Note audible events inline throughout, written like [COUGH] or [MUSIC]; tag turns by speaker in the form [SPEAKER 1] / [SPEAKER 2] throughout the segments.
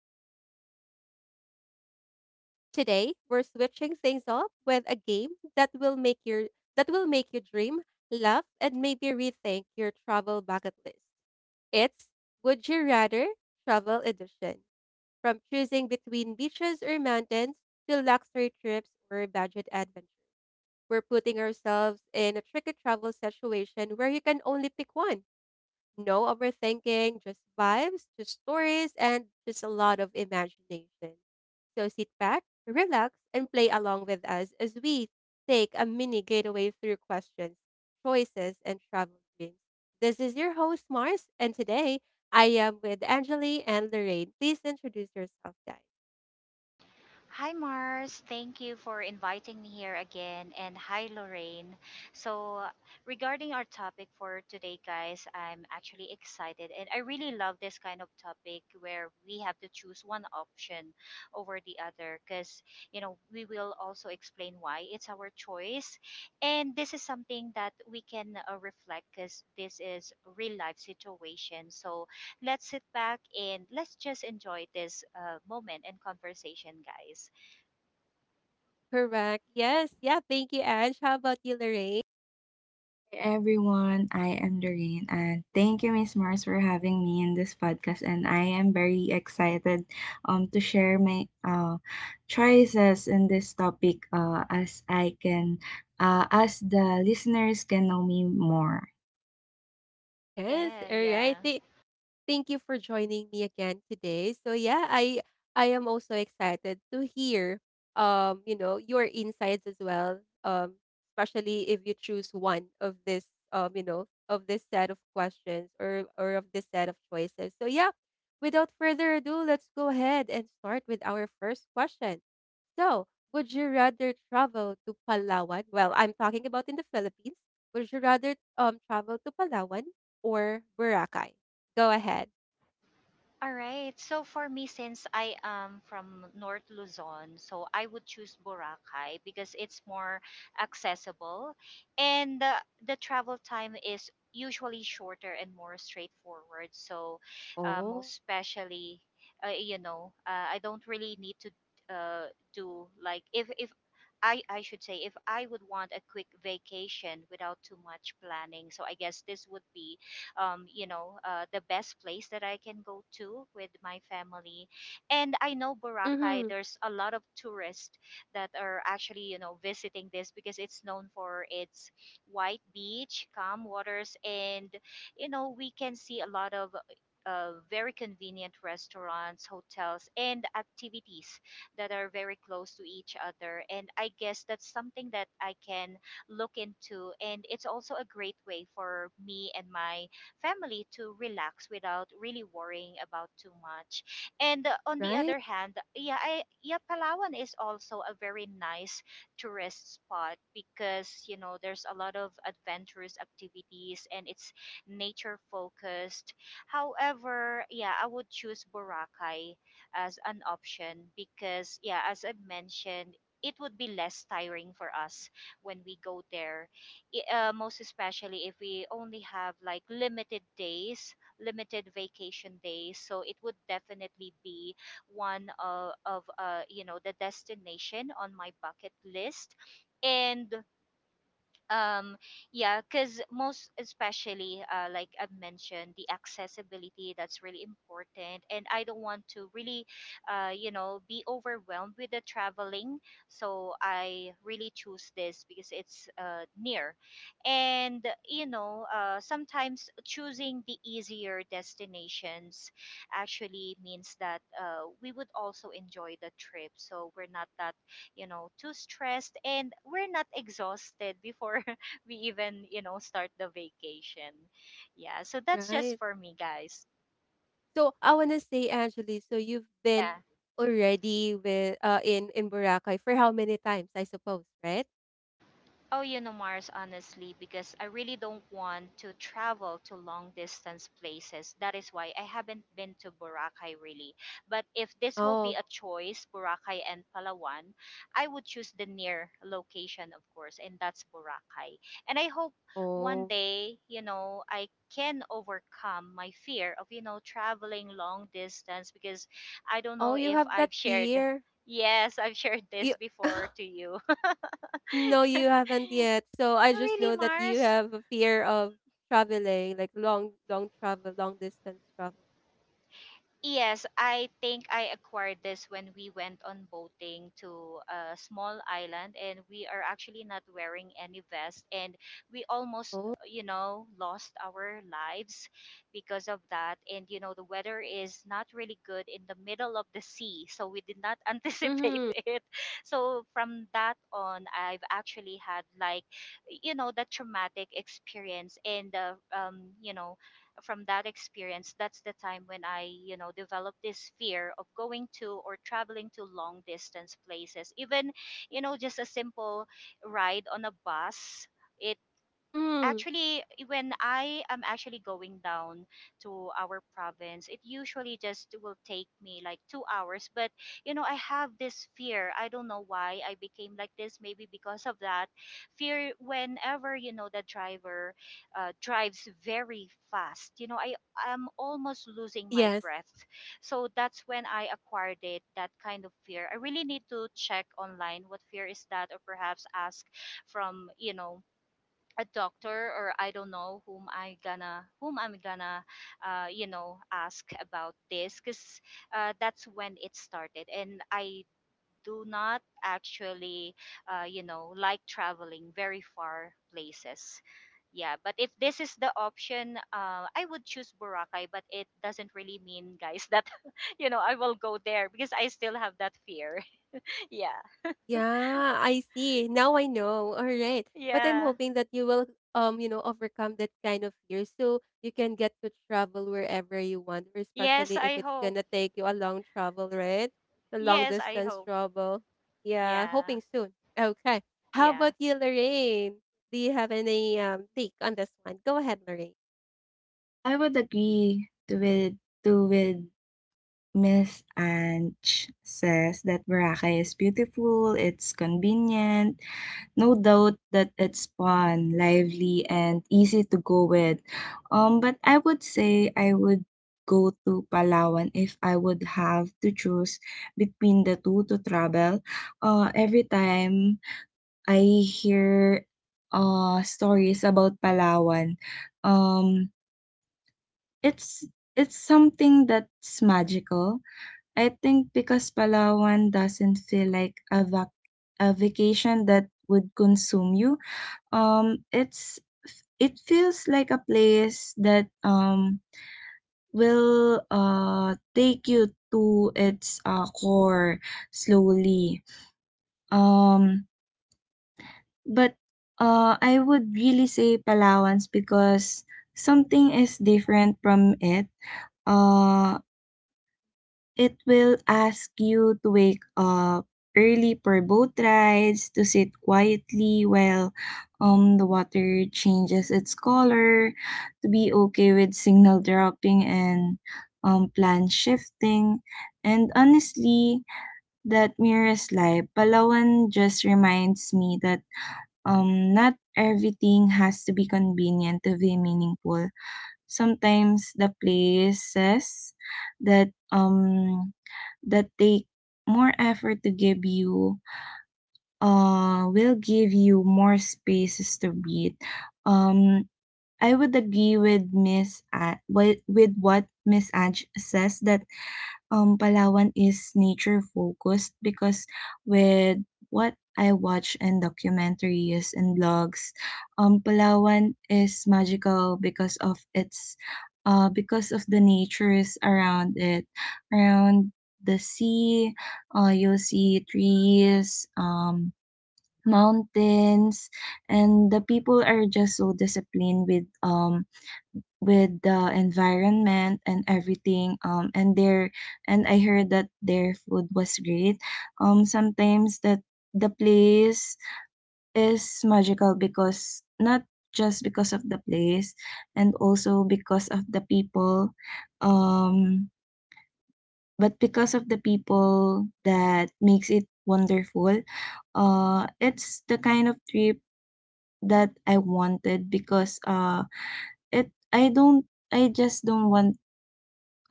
[SPEAKER 1] honest, and a little playful. Today, we're switching things up with a game that will make your that will make you dream, laugh, and maybe rethink your travel bucket list. It's Would You Rather Travel Edition. From choosing between beaches or mountains to luxury trips or budget adventures. We're putting ourselves in a tricky travel situation where you can only pick one. No overthinking, just vibes, just stories, and just a lot of imagination. So sit back, relax, and play along with us as we take a mini getaway through questions, choices, and travel dreams. This is your host, Mars, and today I am with Angeli and Lorraine. Please introduce yourself, guys.
[SPEAKER 2] Hi Mars, thank you for inviting me here again, and hi Lorraine. So, regarding our topic for today, guys, I'm actually excited, and I really love this kind of topic where we have to choose one option over the other because you know we will also explain why it's our choice, and this is something that we can reflect because this is real life situation. So, let's sit back and let's just enjoy this moment and conversation, guys.
[SPEAKER 1] Correct. Yes. Yeah. Thank you, Ange. How about you, Lorraine?
[SPEAKER 3] Everyone. I am Doreen, and thank you, Miss Mars, for having me in this podcast. And I am very excited to share my choices in this topic as I can as the listeners can know me more.
[SPEAKER 1] Yes.
[SPEAKER 2] Yeah,
[SPEAKER 1] All right.
[SPEAKER 2] yeah.
[SPEAKER 1] Thank you for joining me again today. So yeah, I am also excited to hear you know, your insights as well. Especially if you choose one of this you know, of this set of questions or of this set of choices. So yeah, without further ado, let's go ahead and start with our first question. So, would you rather travel to Palawan? Well, I'm talking about in the Philippines. Would you rather travel to Palawan or Boracay? Go ahead.
[SPEAKER 2] All right. So for me, since I am from North Luzon, so I would choose Boracay because it's more accessible, and the travel time is usually shorter and more straightforward. So, most
[SPEAKER 1] Oh.
[SPEAKER 2] especially, I don't really need to uh, do like if if. I should say if I would want a quick vacation without too much planning, so I guess this would be the best place that I can go to with my family. And I know Boracay,
[SPEAKER 1] Mhm.
[SPEAKER 2] there's a lot of tourists that are actually, you know, visiting this because it's known for its white beach, calm waters, and, you know, we can see a lot of very convenient restaurants, hotels, and activities that are very close to each other. And I guess that's something that I can look into. And it's also a great way for me and my family to relax without really worrying about too much. And on the
[SPEAKER 1] Right,
[SPEAKER 2] other hand, yeah, yeah, Palawan is also a very nice tourist spot because you know there's a lot of adventurous activities and it's nature focused. However, yeah, I would choose Boracay as an option because yeah, as I mentioned, it would be less tiring for us when we go there most especially if we only have like limited days, limited vacation days. So it would definitely be one of you know the destination on my bucket list. And um yeah, because most especially like I've mentioned, the accessibility, that's really important and I don't want to really you know be overwhelmed with the traveling, so I really choose this because it's near. And you know sometimes choosing the easier destinations actually means that we would also enjoy the trip, so we're not that you know too stressed and we're not exhausted before [LAUGHS] we even you know start the vacation. Yeah, so that's just
[SPEAKER 1] right.
[SPEAKER 2] for me, guys.
[SPEAKER 1] So I wanna say, Angeli, so you've been
[SPEAKER 2] Yeah.
[SPEAKER 1] already with in Boracay for how many times, I suppose, right?
[SPEAKER 2] Oh, you know, Mars, honestly, because I really don't want to travel to long distance places. That is why I haven't been to Boracay really. But if this will be
[SPEAKER 1] Oh,
[SPEAKER 2] a choice, Boracay and Palawan, I would choose the near location, of course, and that's Boracay. And I hope one
[SPEAKER 1] oh,
[SPEAKER 2] day, you know, I can overcome my fear of, you know, traveling long distance because I don't know
[SPEAKER 1] oh, you
[SPEAKER 2] if
[SPEAKER 1] have that
[SPEAKER 2] I've shared. [LAUGHS]
[SPEAKER 1] fear.
[SPEAKER 2] Yes, I've shared this
[SPEAKER 1] You
[SPEAKER 2] before
[SPEAKER 1] [LAUGHS]
[SPEAKER 2] to you.
[SPEAKER 1] no, you haven't yet. So I
[SPEAKER 2] [LAUGHS]
[SPEAKER 1] just
[SPEAKER 2] Really,
[SPEAKER 1] know that you
[SPEAKER 2] Mars?
[SPEAKER 1] have a fear of traveling, like long, long travel, long distance travel.
[SPEAKER 2] Yes, I think I acquired this when we went on boating to a small island and we are actually not wearing any vest, and we almost,
[SPEAKER 1] Oh,
[SPEAKER 2] you know, lost our lives because of that. And you know, the weather is not really good in the middle of the sea, so we did not [LAUGHS] anticipate
[SPEAKER 1] mm-hmm,
[SPEAKER 2] it. So from that on, I've actually had like, you know, that traumatic experience and you know, from that experience, that's the time when I, you know, developed this fear of going to or traveling to long distance places. Even, you know, just a simple ride on a bus. It
[SPEAKER 1] mm-hmm.
[SPEAKER 2] actually, when I am actually going down to our province, it usually just will take me like 2 hours, but you know I have this fear. I don't know why I became like this, maybe because of that fear. Whenever you know the driver drives very fast, you know I am almost losing my
[SPEAKER 1] Yes.
[SPEAKER 2] breath. So that's when I acquired it, that kind of fear. I really need to check online what fear is that, or perhaps ask from you know a doctor, or I don't know whom I'm gonna you know ask about this, because that's when it started, and I do not actually you know like traveling very far places. Yeah, but if this is the option, I would choose Boracay, but it doesn't really mean, guys, that [LAUGHS] you know I will go there because I still have that fear. [LAUGHS] Yeah.
[SPEAKER 1] Yeah, I see. Now I know. All right. But I'm
[SPEAKER 2] Yeah.
[SPEAKER 1] hoping that you will you know, overcome that kind of fear so you can get to travel wherever you want, or
[SPEAKER 2] Yes,
[SPEAKER 1] especially if
[SPEAKER 2] I
[SPEAKER 1] it's
[SPEAKER 2] hope.
[SPEAKER 1] gonna take you a long travel, right? A long
[SPEAKER 2] Yes, I
[SPEAKER 1] distance
[SPEAKER 2] hope.
[SPEAKER 1] travel. Yeah,
[SPEAKER 2] Yeah.
[SPEAKER 1] hoping soon. Okay. How
[SPEAKER 2] Yeah.
[SPEAKER 1] about you, Lorraine? Do you have any take on this one? Go ahead, Lorraine.
[SPEAKER 3] I would agree to with to with Miss Anch says that Boracay is beautiful, it's convenient. No doubt that it's fun, lively, and easy to go with. But I would say I would go to Palawan if I would have to choose between the two to travel. Every time I hear stories about Palawan, um, it's it's something that's magical. I think because Palawan doesn't feel like a vacation that would consume you. Um, it's it feels like a place that will take you to its core slowly. Um, but I would really say Palawan's because something is different from it. Uh, It will ask you to wake up early for boat rides, to sit quietly while the water changes its color, to be okay with signal dropping and plan shifting. And honestly, that mirrors life. Palawan just reminds me that not everything has to be convenient to be meaningful. Sometimes the places that um that take more effort to give you will give you more spaces to breathe. Um I would agree with with what Miss Ange says that Palawan is nature focused because with what I watch in documentaries and blogs, Palawan is magical because of its, because of the natures around it, around the sea. You'll see trees, mountains, and the people are just so disciplined with the environment and everything, and their and I heard that their food was great. Sometimes that the place is magical because not just because of the place and also because of the people, um but because of the people that makes it wonderful. It's the kind of trip that I wanted because it I don't, I just don't want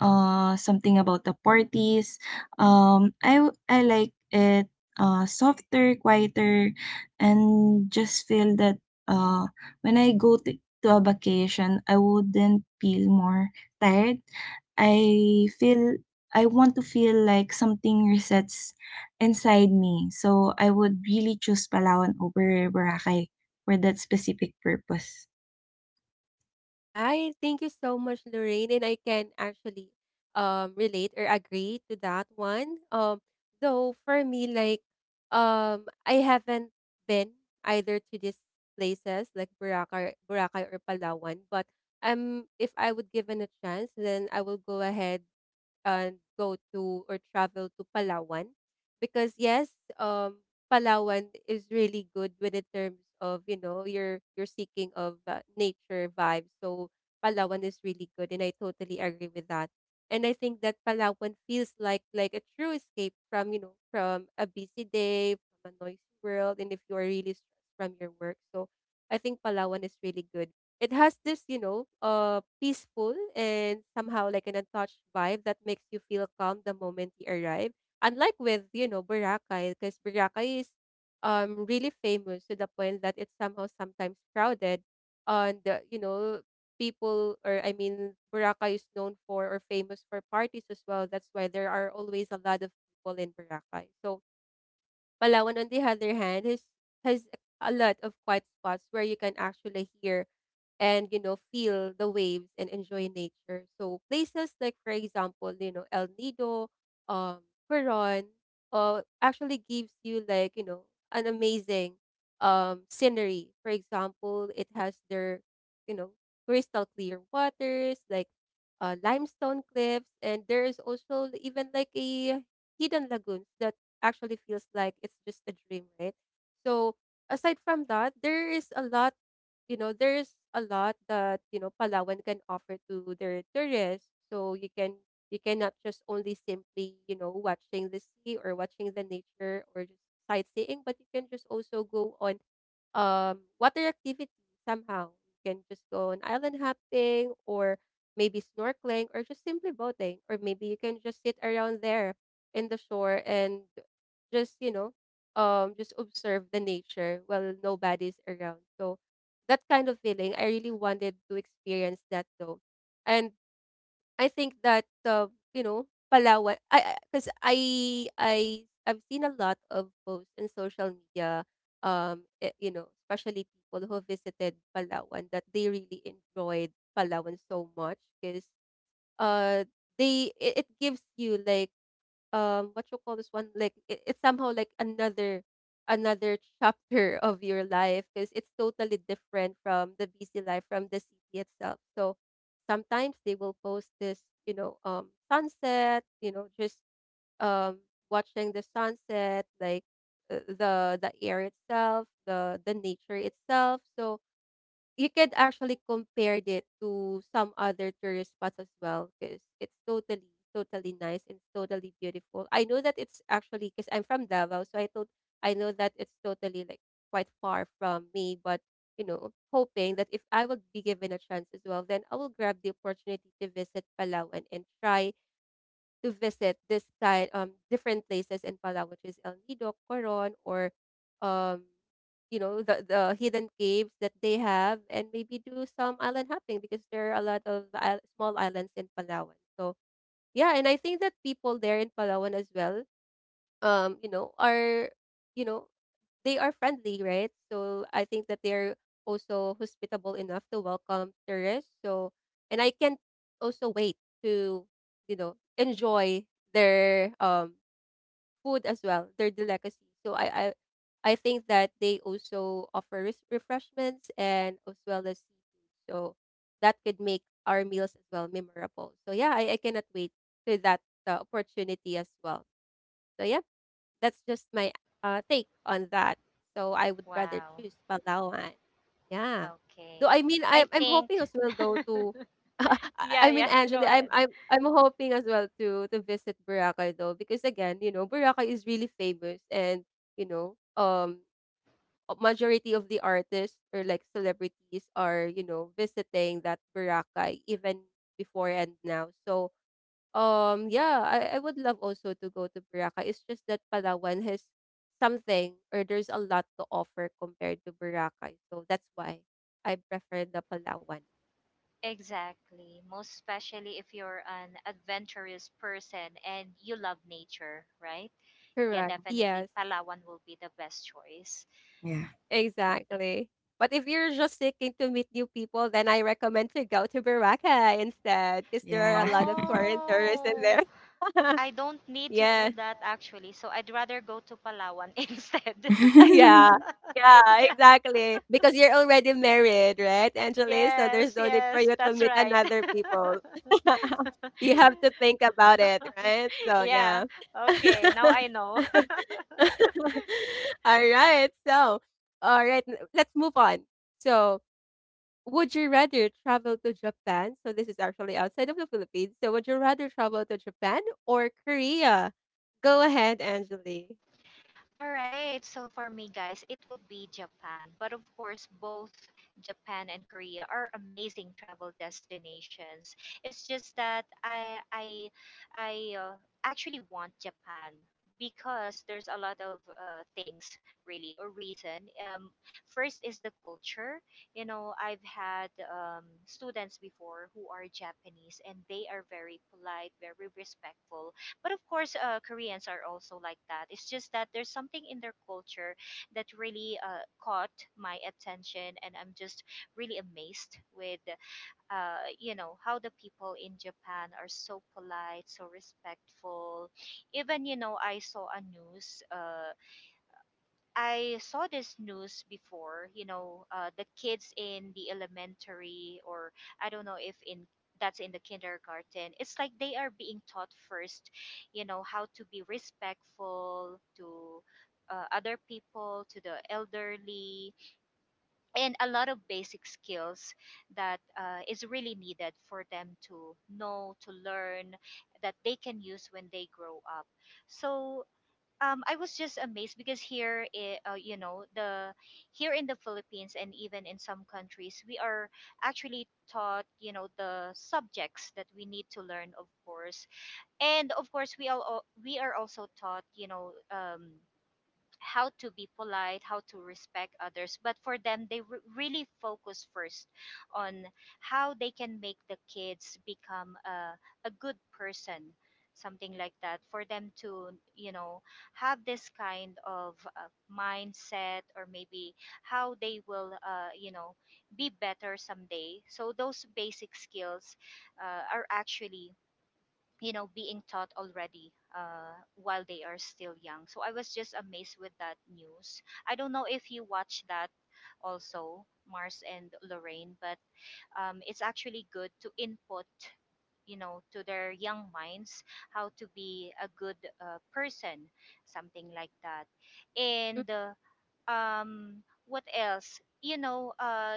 [SPEAKER 3] something about the parties. I like it softer, quieter, and just feel that uh when I go to a vacation, I wouldn't feel more tired. I feel I want to feel like something resets inside me. So I would really choose Palawan over Boracay for that specific purpose.
[SPEAKER 1] Right. Thank you so much, Lorraine. And I can actually relate or agree to that one. Though for me, like I haven't been either to these places like Boracay, or Palawan, but if I would given a chance, then I will go ahead and go to or travel to Palawan because yes, Palawan is really good with the terms of you know you're seeking of nature vibes. So Palawan is really good, and I totally agree with that. And I think that Palawan feels like a true escape from you know from a busy day, from a noisy world, and if you are really stressed from your work, so I think Palawan is really good. It has this, you know, peaceful and somehow like an untouched vibe that makes you feel calm the moment you arrive. Unlike with, you know, Boracay, because Boracay is really famous to the point that it's somehow sometimes crowded and you know people or I mean Boracay is known for or famous for parties as well. That's why there are always a lot of people in Boracay. So Palawan, on the other hand, has a lot of quiet spots where you can actually hear and you know feel the waves and enjoy nature. So places like, for example, you know El Nido, um, Coron, actually gives you like you know an amazing scenery. For example, it has their you know crystal clear waters like limestone cliffs, and there is also even like a hidden lagoons that actually feels like it's just a dream, right? So aside from that, there is a lot, you know, there is a lot that, you know, Palawan can offer to their tourists. So you can you cannot just only simply, you know, watching the sea or watching the nature or just sightseeing, but you can just also go on water activity somehow. You can just go on island hopping or maybe snorkeling or just simply boating or maybe you can just sit around there in the shore and just you know just observe the nature while nobody's around so that kind of feeling I really wanted to experience that though. And I think that you know Palawan I because I 'cause I I've seen a lot of posts in social media you know especially people who visited Palawan that they really enjoyed Palawan so much because uh they it gives you like what you call this one like it's somehow like another chapter [LAUGHS] of your life because it's totally different from the busy life from the city itself. So sometimes they will post this you know sunset you know just um watching the sunset like the air itself the nature itself. So you could actually compare it to some other tourist spots as well because it's totally nice and totally beautiful. I know that it's actually because I'm from Davao, so I thought I know that it's totally like quite far from me, but you know, hoping that if I would be given a chance as well, then I will grab the opportunity to visit Palawan and try to visit this kind different places in Palawan, which is El Nido, Coron, or um you know the hidden caves that they have, and maybe do some island hopping because there are a lot of small islands in Palawan. So yeah, and I think that people there in Palawan as well you know are you know they are friendly, right? So I think that they're also hospitable enough to welcome tourists. So and I can also wait to you know enjoy their food as well their delicacy. So I think that they also offer refreshments and as well as seafood so that could make our meals as well memorable. So yeah, I cannot wait to that opportunity as well. So yeah, that's just my, take on that. So I would rather
[SPEAKER 2] Wow.
[SPEAKER 1] choose Palawan. Yeah. Though
[SPEAKER 2] Okay.
[SPEAKER 1] I mean,
[SPEAKER 2] I
[SPEAKER 1] I'm hoping as
[SPEAKER 2] think
[SPEAKER 1] well though
[SPEAKER 2] [LAUGHS]
[SPEAKER 1] to [LAUGHS]
[SPEAKER 2] yeah,
[SPEAKER 1] I mean,
[SPEAKER 2] yeah, [LAUGHS] go
[SPEAKER 1] Angela, I'm
[SPEAKER 2] ahead.
[SPEAKER 1] I'm I'm hoping as well to visit Boracay though because again, you know, Boracay is really famous and you know, a majority of the artists or like celebrities are you know visiting that Boracay even before and now. So yeah, I would love also to go to Boracay. It's just that Palawan has something or there's a lot to offer compared to Boracay. So that's why I prefer the Palawan.
[SPEAKER 2] Exactly. Most especially if you're an adventurous person and you love nature, right? Yeah,
[SPEAKER 1] Correct.
[SPEAKER 2] definitely
[SPEAKER 1] Yes,
[SPEAKER 2] Palawan will be the best choice.
[SPEAKER 3] Yeah.
[SPEAKER 1] exactly. But if you're just seeking to meet new people, then I recommend to go to Boracay instead because there are a
[SPEAKER 3] Yeah.
[SPEAKER 1] lot of foreign tourists in
[SPEAKER 2] Oh,
[SPEAKER 1] there. [LAUGHS]
[SPEAKER 2] I don't need to do
[SPEAKER 1] yes.
[SPEAKER 2] that actually. So I'd rather go to Palawan [LAUGHS] instead.
[SPEAKER 1] [LAUGHS] Yeah.
[SPEAKER 3] [LAUGHS]
[SPEAKER 1] Yeah,
[SPEAKER 2] [LAUGHS] yeah.
[SPEAKER 1] exactly. Because you're already married, right, Angeli? So there's
[SPEAKER 2] Yes,
[SPEAKER 1] no need for
[SPEAKER 2] yes,
[SPEAKER 1] you to
[SPEAKER 2] that's
[SPEAKER 1] meet
[SPEAKER 2] right.
[SPEAKER 1] another people. [LAUGHS] You have to think about it, right?
[SPEAKER 2] [LAUGHS]
[SPEAKER 1] So
[SPEAKER 2] Yeah.
[SPEAKER 1] yeah.
[SPEAKER 2] Okay. Now I
[SPEAKER 1] [LAUGHS]
[SPEAKER 2] know. [LAUGHS]
[SPEAKER 1] All right. So, all right, let's move on. So, would you rather travel to Japan? So this is actually outside of the Philippines. So would you rather travel to Japan or Korea? Go ahead, Angeli.
[SPEAKER 2] All right, so for me, guys, it would be Japan. But of course, both Japan and Korea are amazing travel destinations. It's just that I actually want Japan because there's a lot of things really, or reason. First is the culture. You know, I've had students before who are Japanese, and they are very polite, very respectful. But of course, Koreans are also like that. It's just that there's something in their culture that really caught my attention, and I'm just really amazed with, you know, how the people in Japan are so polite, so respectful. Even, you know, I saw a news. I saw this news before, you know, the kids in the elementary, or I don't know if in that's in the kindergarten. It's like they are being taught first, you know, how to be respectful to other people, to the elderly, and a lot of basic skills that is really needed for them to know, to learn, that they can use when they grow up. So I was just amazed because you know, the here in the Philippines and even in some countries, we are actually taught, you know, the subjects that we need to learn, of course, and of course, we are also taught, you know, how to be polite, how to respect others. But for them, really focus first on how they can make the kids become a good person, something like that. For them to, you know, have this kind of mindset, or maybe how they will, you know, be better someday. So those basic skills are actually you know being taught already while they are still young. So I was just amazed with that news. I don't know if you watch that also, Mars and Lorraine, but it's actually good to input, you know, to their young minds how to be a good person, something like that.
[SPEAKER 1] Mm,
[SPEAKER 2] And what else, you know,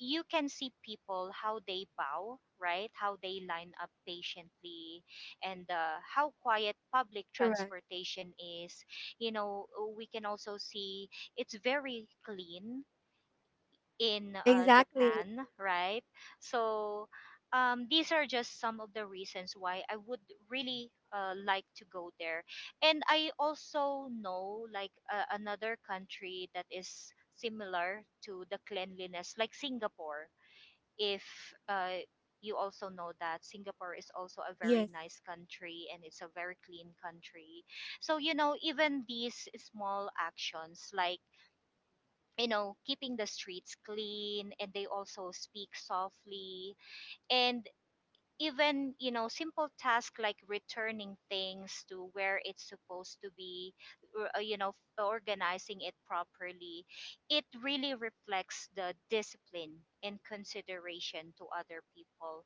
[SPEAKER 2] you can see people how they bow, right, how they line up patiently and how quiet public
[SPEAKER 1] correct.
[SPEAKER 2] transportation is, you know. We can also see it's very clean in
[SPEAKER 1] Exactly.
[SPEAKER 2] Japan, right? So these are just some of the reasons why I would really like to go there. And I also know like another country that is similar to the cleanliness, like Singapore. If uh, you also know that Singapore is also a very
[SPEAKER 1] Yes.
[SPEAKER 2] nice country and it's a very clean country. So, you know, even these small actions like you know, keeping the streets clean, and they also speak softly. And even, you know, simple tasks like returning things to where it's supposed to be, or, you know, organizing it properly, it really reflects the discipline and consideration to other people.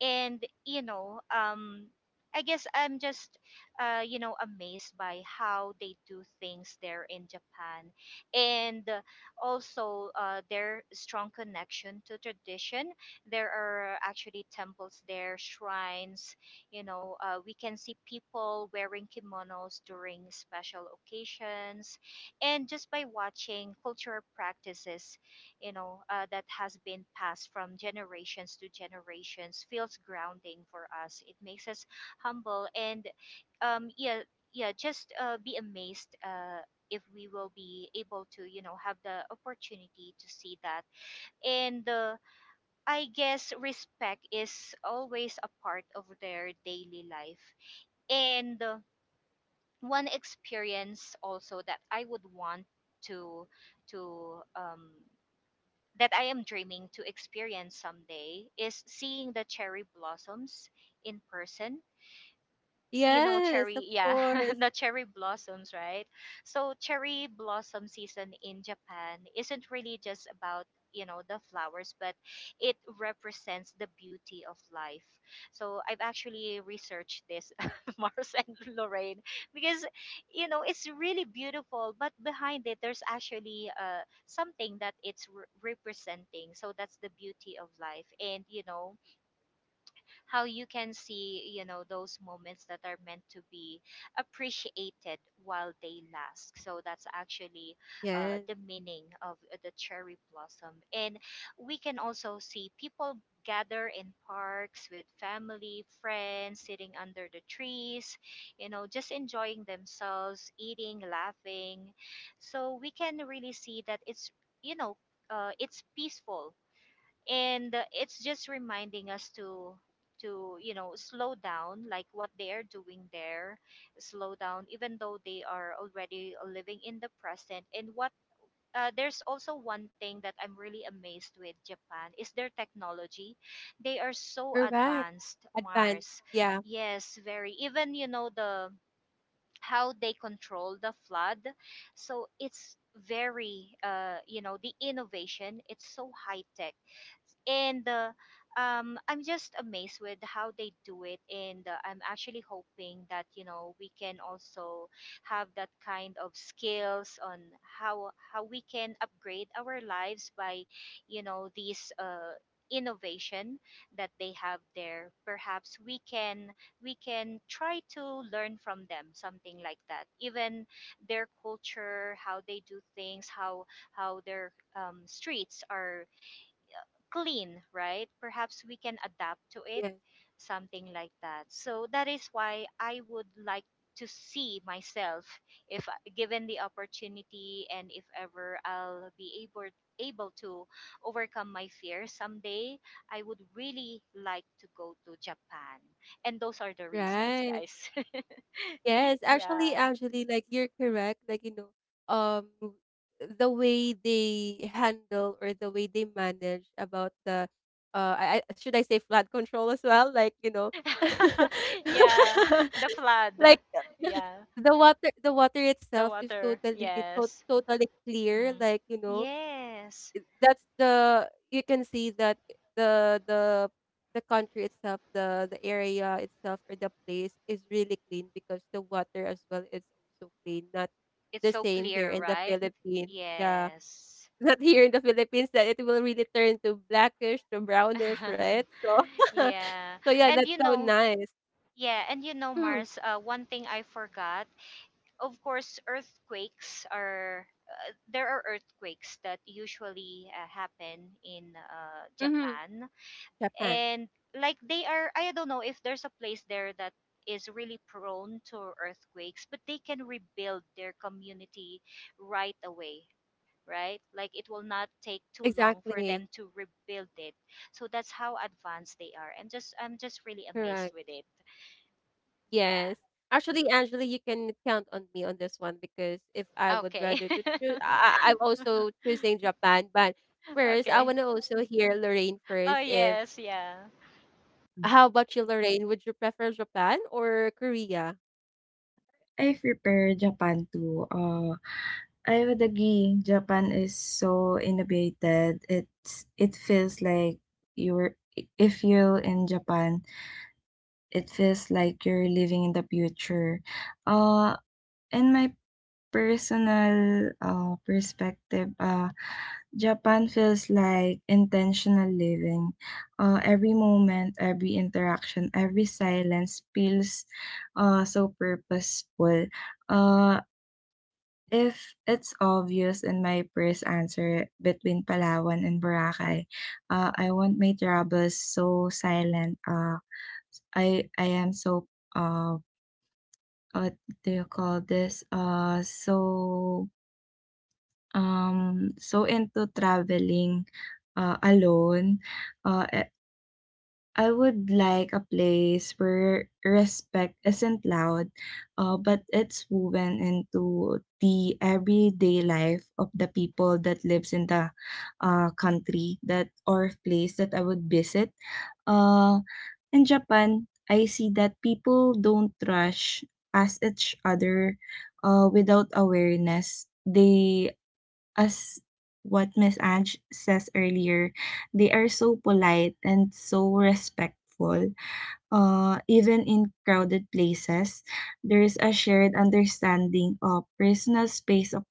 [SPEAKER 2] And you know I guess I'm just you know amazed by how they do things there in Japan. And also their strong connection to tradition. There are actually temples there, shrines, you know. We can see people wearing kimonos during special occasions, and just by watching cultural practices, you know, that has been passed from generations to generations, feels grounding for us. It makes us humble and, yeah, yeah, just be amazed if we will be able to, you know, have the opportunity to see that. And I guess respect is always a part of their daily life. And one experience also that I would want to to that I am dreaming to experience someday is seeing the cherry blossoms in person. You know,
[SPEAKER 1] Yes, of
[SPEAKER 2] cherry, yeah, [LAUGHS]
[SPEAKER 1] course.
[SPEAKER 2] not cherry blossoms, right? So cherry blossom season in Japan isn't really just about, you know, the flowers, but it represents the beauty of life. So I've actually researched this, [LAUGHS] Mars and Lorraine, because you know it's really beautiful, but behind it there's actually something that it's representing. So that's the beauty of life, and you know how you can see, you know, those moments that are meant to be appreciated while they last. So that's actually
[SPEAKER 1] Yes,
[SPEAKER 2] the meaning of the cherry blossom. And we can also see people gather in parks with family, friends, sitting under the trees, you know, just enjoying themselves, eating, laughing. So we can really see that it's, you know, it's peaceful, and it's just reminding us to you know slow down like what they are doing there slow down even though they are already living in the present and what there's also one thing that I'm really amazed with Japan is their technology. They are so
[SPEAKER 1] correct.
[SPEAKER 2] advanced,
[SPEAKER 1] Advanced.
[SPEAKER 2] Mars.
[SPEAKER 1] Yeah.
[SPEAKER 2] Yes, very. Even you know the how they control the flood. So it's very you know the innovation, it's so high tech and I'm just amazed with how they do it. And I'm actually hoping that you know we can also have that kind of skills on how we can upgrade our lives by, you know, these innovation that they have there. Perhaps we can try to learn from them something like that. Even their culture, how they do things, how their streets are clean, right? Perhaps we can adapt to it,
[SPEAKER 1] Yes.
[SPEAKER 2] something like that. So that is why I would like to see myself if given the opportunity and if ever I'll be able to overcome my fear someday, I would really like to go to Japan. And those are the reasons,
[SPEAKER 1] Right.
[SPEAKER 2] guys. [LAUGHS]
[SPEAKER 1] Yes. Actually,
[SPEAKER 2] Yeah.
[SPEAKER 1] actually, like you're correct. Like, you know, um the way they handle or the way they manage about the should I say flood control as well? Like, you know,
[SPEAKER 2] [LAUGHS]
[SPEAKER 1] [LAUGHS]
[SPEAKER 2] Yeah, the flood.
[SPEAKER 1] like
[SPEAKER 2] Yeah,
[SPEAKER 1] [LAUGHS] the water
[SPEAKER 2] the
[SPEAKER 1] itself is
[SPEAKER 2] water.
[SPEAKER 1] totally
[SPEAKER 2] Yes.
[SPEAKER 1] totally clear,
[SPEAKER 2] Hmm.
[SPEAKER 1] like, you know,
[SPEAKER 2] Yes.
[SPEAKER 1] that's the you can see that the the the country itself, the area itself or the place is really clean because the water as well is also clean. Not
[SPEAKER 2] It's
[SPEAKER 1] the
[SPEAKER 2] so
[SPEAKER 1] same here
[SPEAKER 2] clear,
[SPEAKER 1] in the
[SPEAKER 2] right?
[SPEAKER 1] Philippines. Yeah.
[SPEAKER 2] Yes.
[SPEAKER 1] [LAUGHS] Not here in the Philippines that it will really turn to blackish to brownish,
[SPEAKER 2] [LAUGHS]
[SPEAKER 1] right? So [LAUGHS]
[SPEAKER 2] Yeah.
[SPEAKER 1] so yeah,
[SPEAKER 2] And
[SPEAKER 1] that's
[SPEAKER 2] you
[SPEAKER 1] so
[SPEAKER 2] know,
[SPEAKER 1] nice.
[SPEAKER 2] yeah, and you know,
[SPEAKER 1] Mm,
[SPEAKER 2] Mars, one thing I forgot, of course, earthquakes are, there are earthquakes that usually happen in
[SPEAKER 1] hmm.
[SPEAKER 2] Japan.
[SPEAKER 1] Japan.
[SPEAKER 2] And like they are, I don't know if there's a place there that is really prone to earthquakes, but they can rebuild their community right away. Right? Like it will not take too long for
[SPEAKER 1] Exactly.
[SPEAKER 2] them to rebuild it. So that's how advanced they are. And just I'm just really amazed
[SPEAKER 1] Correct.
[SPEAKER 2] with it. Yeah.
[SPEAKER 1] Yes. Actually, Angela, you can count on me on this one because if I would
[SPEAKER 2] Okay.
[SPEAKER 1] rather to choose, I'm also choosing Japan. But
[SPEAKER 2] [LAUGHS]
[SPEAKER 1] first, I
[SPEAKER 2] Okay.
[SPEAKER 1] want to also hear Lorraine
[SPEAKER 2] Oh
[SPEAKER 1] first. If
[SPEAKER 2] yes, yeah.
[SPEAKER 1] how about you, Lorraine? Would you prefer Japan or Korea?
[SPEAKER 3] I've prepared Japan too. I would agree. Japan is so innovated. It feels like you're if you're in Japan, it feels like you're living in the future. Uh, in my personal, perspective, Japan feels like intentional living. Every moment, every interaction, every silence feels so purposeful. Uh, if it's obvious in my first answer between Palawan and Boracay, I want my troubles so silent. I am so uh what do you call this? So into traveling alone. uh, eh, I would like a place where respect isn't loud, but it's woven into the everyday life of the people that lives in the country that or place that I would visit. uh, in Japan, I see that people don't rush past each other without awareness. They, as what Miss Ange says earlier, they are so polite and so respectful. Even in crowded places, there is a shared understanding of personal space of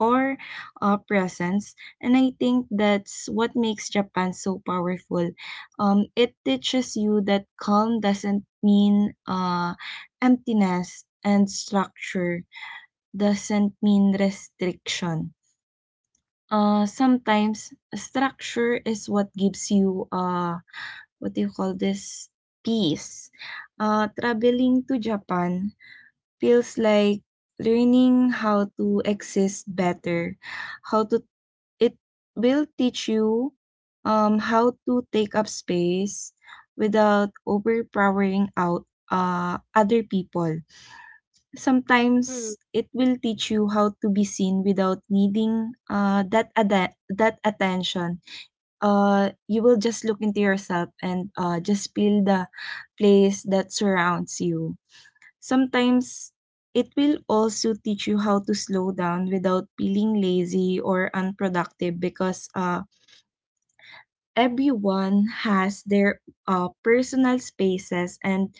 [SPEAKER 3] or presence, and I think that's what makes Japan so powerful. It teaches you that calm doesn't mean emptiness and structure doesn't mean restriction. Sometimes structure is what gives you, what do you call this, peace. Traveling to Japan feels like learning how to exist better, how to it will teach you how to take up space without overpowering out other people.
[SPEAKER 1] Hmm.
[SPEAKER 3] Sometimes it will teach you how to be seen without needing that attention. You will just look into yourself and just feel the place that surrounds you. Sometimes it will also teach you how to slow down without feeling lazy or unproductive because everyone has their personal spaces, and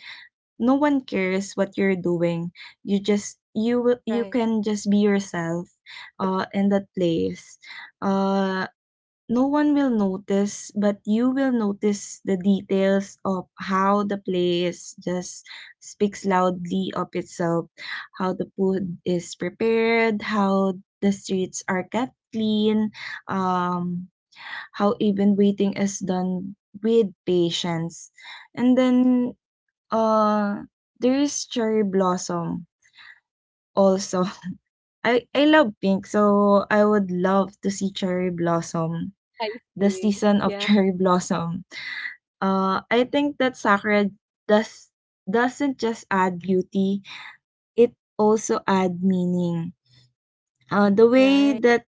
[SPEAKER 3] no one cares what you're doing. You
[SPEAKER 1] Right.
[SPEAKER 3] can just be yourself in that place. uh no one will notice, but you will notice the details of how the place just speaks loudly of itself, how the food is prepared, how the streets are kept clean, um how even waiting is done with patience. And then Uh, there's cherry blossom also. [LAUGHS] I love pink, so I would love to see cherry blossom,
[SPEAKER 1] I
[SPEAKER 3] the
[SPEAKER 1] see.
[SPEAKER 3] season of [LAUGHS]
[SPEAKER 1] Yeah.
[SPEAKER 3] cherry blossom. I think that sakura does doesn't just add beauty, it also add meaning. The way
[SPEAKER 1] Right.
[SPEAKER 3] that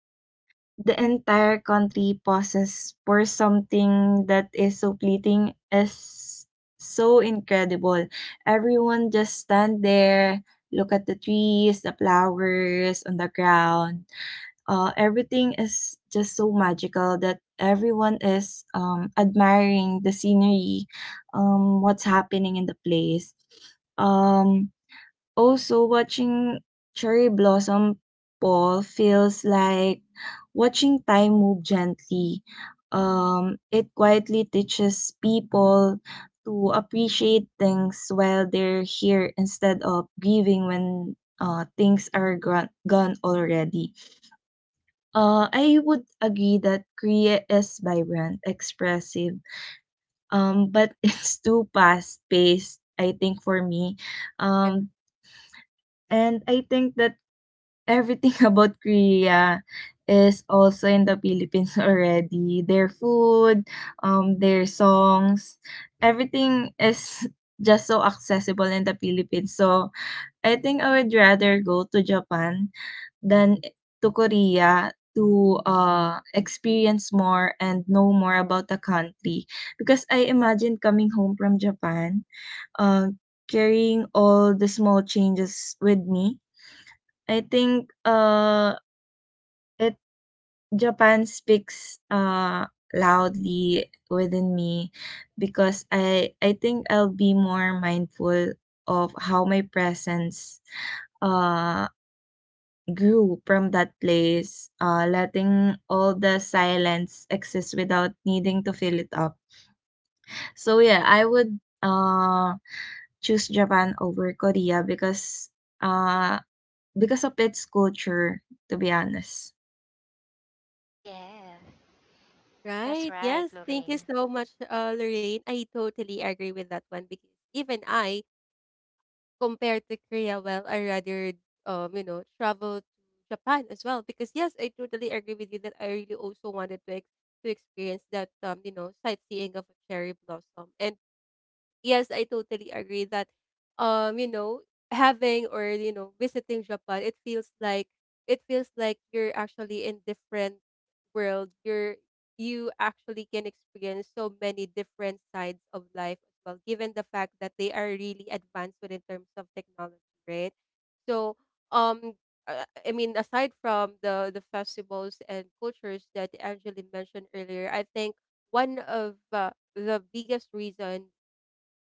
[SPEAKER 3] the entire country pauses for something that is so fleeting is so incredible. Everyone just stand there, look at the trees, the flowers on the ground. Everything is just so magical that everyone is admiring the scenery, what's happening in the place. Um, Also, watching cherry blossom fall feels like watching time move gently. It quietly teaches people to appreciate things while they're here instead of grieving when things are gone already. I would agree that Korea is vibrant, expressive, but [LAUGHS] it's too fast paced, I think, for me. Um, and I think that everything [LAUGHS] about Korea is also in the Philippines [LAUGHS] already. Their food, their songs, everything is [LAUGHS] just so accessible in the Philippines. So I think I would rather go to Japan than to Korea to experience more and know more about the country. Because I imagine coming home from Japan, uh, carrying all the small changes with me. I think It Japan speaks loudly within me because I think I'll be more mindful of how my presence uh grew from that place, letting all the silence exist without needing to fill it up. So yeah, I would choose Japan over Korea uh because of its culture, to be honest.
[SPEAKER 2] Yeah, that's
[SPEAKER 1] Right.
[SPEAKER 2] right,
[SPEAKER 1] Yes. Thank you
[SPEAKER 2] Lorraine.
[SPEAKER 1] so much, Lorraine. I totally agree with that one because even I compared to Korea, well, you know, travel to Japan as well. Because yes, I totally agree with you that I really also wanted to to experience that, you know, sightseeing of a cherry blossom. And yes, I totally agree that, you know, having or you know visiting Japan, it feels like you're actually in different world. You actually can experience so many different sides of life as well, given the fact that they are really advanced within terms of technology, right? So, um, I mean, aside from the festivals and cultures that Angeli mentioned earlier, I think one of the biggest reason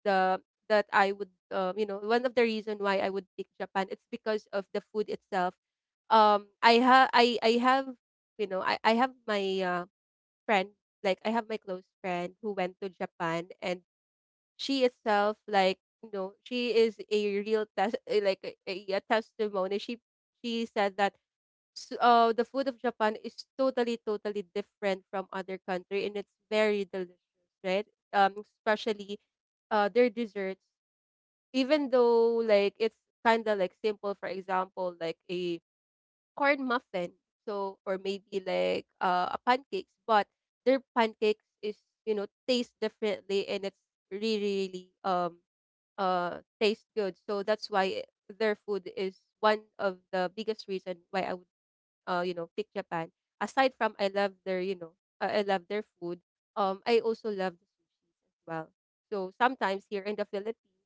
[SPEAKER 1] the that I would one of the reason why I would pick Japan, it's because of the food itself. I have I have my friend, like I have my close friend who went to Japan, and she itself, she is a real like a testimony. She said that the food of Japan is totally totally different from other country, and it's very delicious, right? Especially their desserts. Even though like it's kinda like simple, for example, like a corn muffin, so, or maybe like a pancakes, but their pancakes is, you know, taste differently, and it's really, really taste good. So that's why their food is one of the biggest reason why I would pick Japan. Aside from I love their, I love their food, I also love the sushis as well. So sometimes here in the Philippines,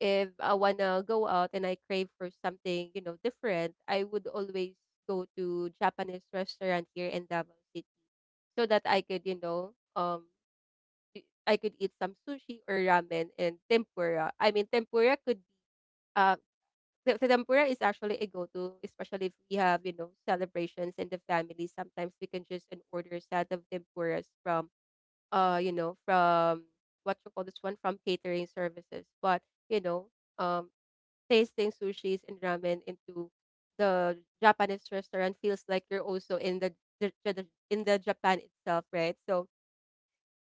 [SPEAKER 1] if I wanna go out and I crave for something, different, I would always go to Japanese restaurant here in Davao City so that I could, I could eat some sushi or ramen and tempura. I mean, tempura could be uh the tempura is actually a go-to, especially if we have, celebrations in the family. Sometimes we can just an order set of tempuras from, from what you call this one, from catering services. But you know, um, tasting sushis and ramen into the Japanese restaurant feels like you're also in the in the Japan itself, right? So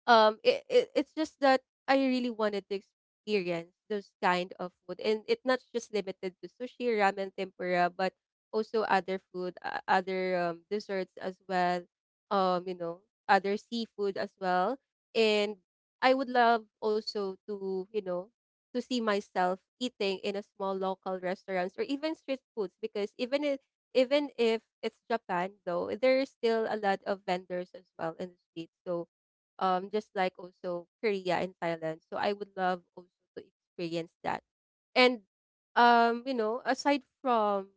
[SPEAKER 1] it's just that I really wanted to experience those kind of food, and it's not just limited to sushi, ramen, tempura, but also other food, other desserts as well. Other seafood as well. And I would love also to to see myself eating in a small local restaurants or even street foods, because even if it's Japan though, there is still a lot of vendors as well in the street. So just like also Korea and Thailand. So I would love also to experience that. And aside from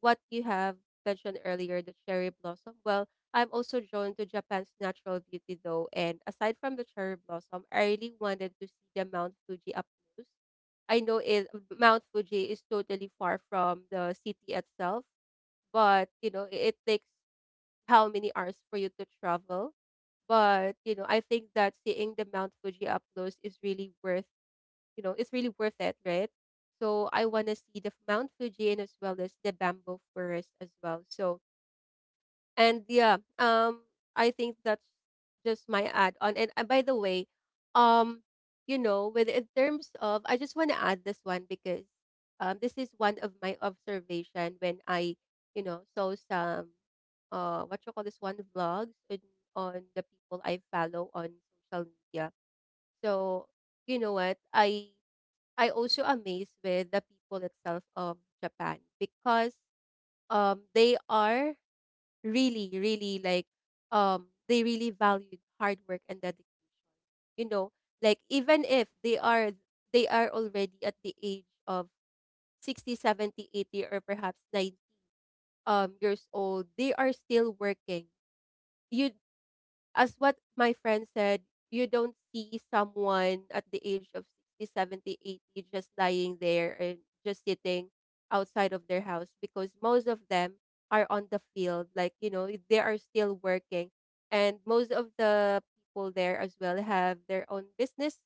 [SPEAKER 1] what you have mentioned earlier, the cherry blossom, well, I'm also drawn to Japan's natural beauty though. And aside from the cherry blossom, I really wanted to see the Mount Fuji up close. I know it, Mount Fuji is totally far from the city itself, but you know, it takes how many hours for you to travel. But, I think that seeing the Mount Fuji up close is really worth, it's really worth it, right? So I want to see the Mount Fuji, and as well as the bamboo forest as well. So, and yeah, I think that's just my add on. And by the way, um, you know, with in terms of, I just want to add this one, because this is one of my observation when I, saw some, what you call this one, vlogs on the people I follow on social media. So you know what, I also amazed with the people itself of Japan, because they are really, really they really valued hard work and dedication. You know, like even if they are already at the age of 60, 70, 80, or perhaps 90 years old, they are still working. You, as what my friend said, you don't see someone at the age of 60, 70, 80 just lying there and just sitting outside of their house, because most of them are on the field. Like, they are still working. And most of the people there as well have their own business,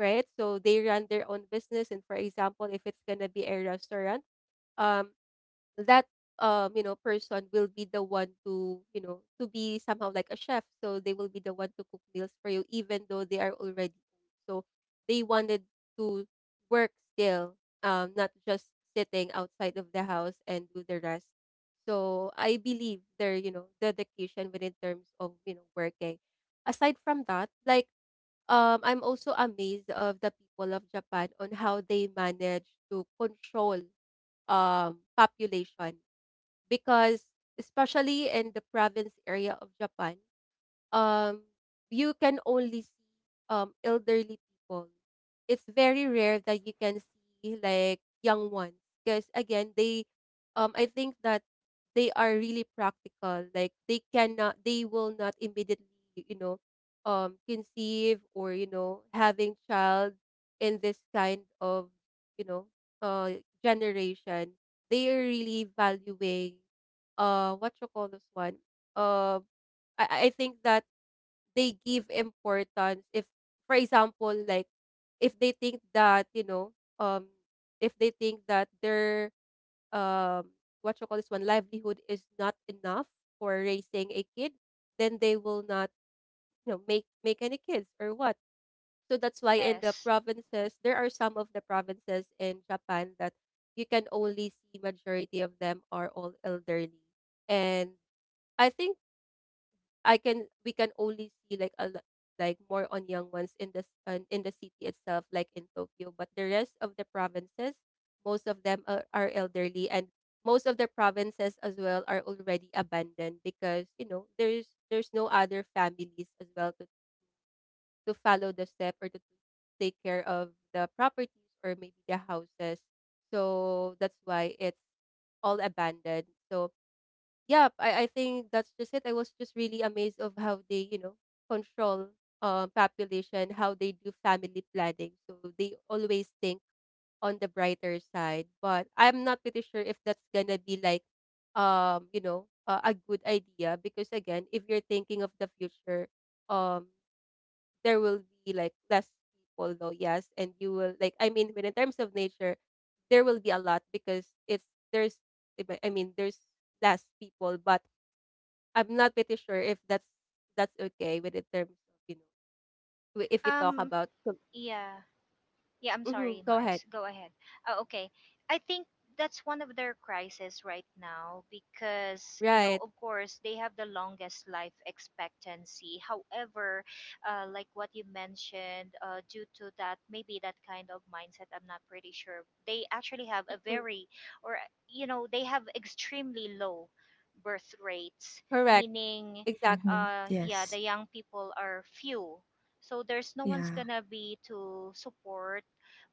[SPEAKER 1] right? So they run their own business. And for example, if it's going to be a restaurant, um that person will be the one to to be somehow like a chef, so they will be the one to cook meals for you even though they are already old. So they wanted to work still, not just sitting outside of the house and do the rest. So I believe their, dedication within terms of, working. Aside from that, like I'm also amazed of the people of Japan on how they manage to control population, because especially in the province area of Japan, um, you can only see elderly people. It's very rare that you can see like young ones, because again, they, I think that they are really practical. Like, they cannot, they will not immediately, you know, conceive or, having child in this kind of, you know generation. They are really valuing what you call this one, uh I think that they give importance. If, for example, like if they think that, um if they think that their, um what you call this one, livelihood is not enough for raising a kid, then they will not, make any kids or what. So that's why in the
[SPEAKER 2] Yes.
[SPEAKER 1] provinces, there are some of the provinces in Japan that you can only see majority of them are all elderly. And I think I can we can only see like more on young ones in this in the city itself, like in Tokyo. But the rest of the provinces, most of them are elderly. And most of the provinces as well are already abandoned, because there's no other families as well to follow the step or to take care of the properties or maybe the houses. So that's why it's all abandoned. So yeah, I think that's just it. I was just really amazed of how they, control population, how they do family planning. So they always think on the brighter side. But I'm not pretty sure if that's gonna be like, a good idea, because again, if you're thinking of the future, um, there will be like less people though, yes, and you will like. I mean, when in terms of nature, there will be a lot because it's there's, I mean, there's less people. But I'm not pretty sure if that's okay with in terms of, you know, we- if we talk
[SPEAKER 2] Um
[SPEAKER 1] about com-
[SPEAKER 2] yeah. Yeah, I'm
[SPEAKER 1] Mhm,
[SPEAKER 2] sorry,
[SPEAKER 1] go ahead.
[SPEAKER 2] Mars. Go ahead. Oh, okay. I think that's one of their crises right now because, you know,
[SPEAKER 1] Right.
[SPEAKER 2] of course, they have the longest life expectancy. However, like what you mentioned, due to that, maybe that kind of mindset, I'm not pretty sure. They actually have a
[SPEAKER 1] Mhm.
[SPEAKER 2] very, or, you know, they have extremely low birth rates,
[SPEAKER 1] Correct.
[SPEAKER 2] meaning,
[SPEAKER 1] Exactly.
[SPEAKER 3] Mm-hmm.
[SPEAKER 2] yeah, the
[SPEAKER 3] Yes.
[SPEAKER 2] young people are few, so there's no one's
[SPEAKER 3] Yeah.
[SPEAKER 2] gonna be to support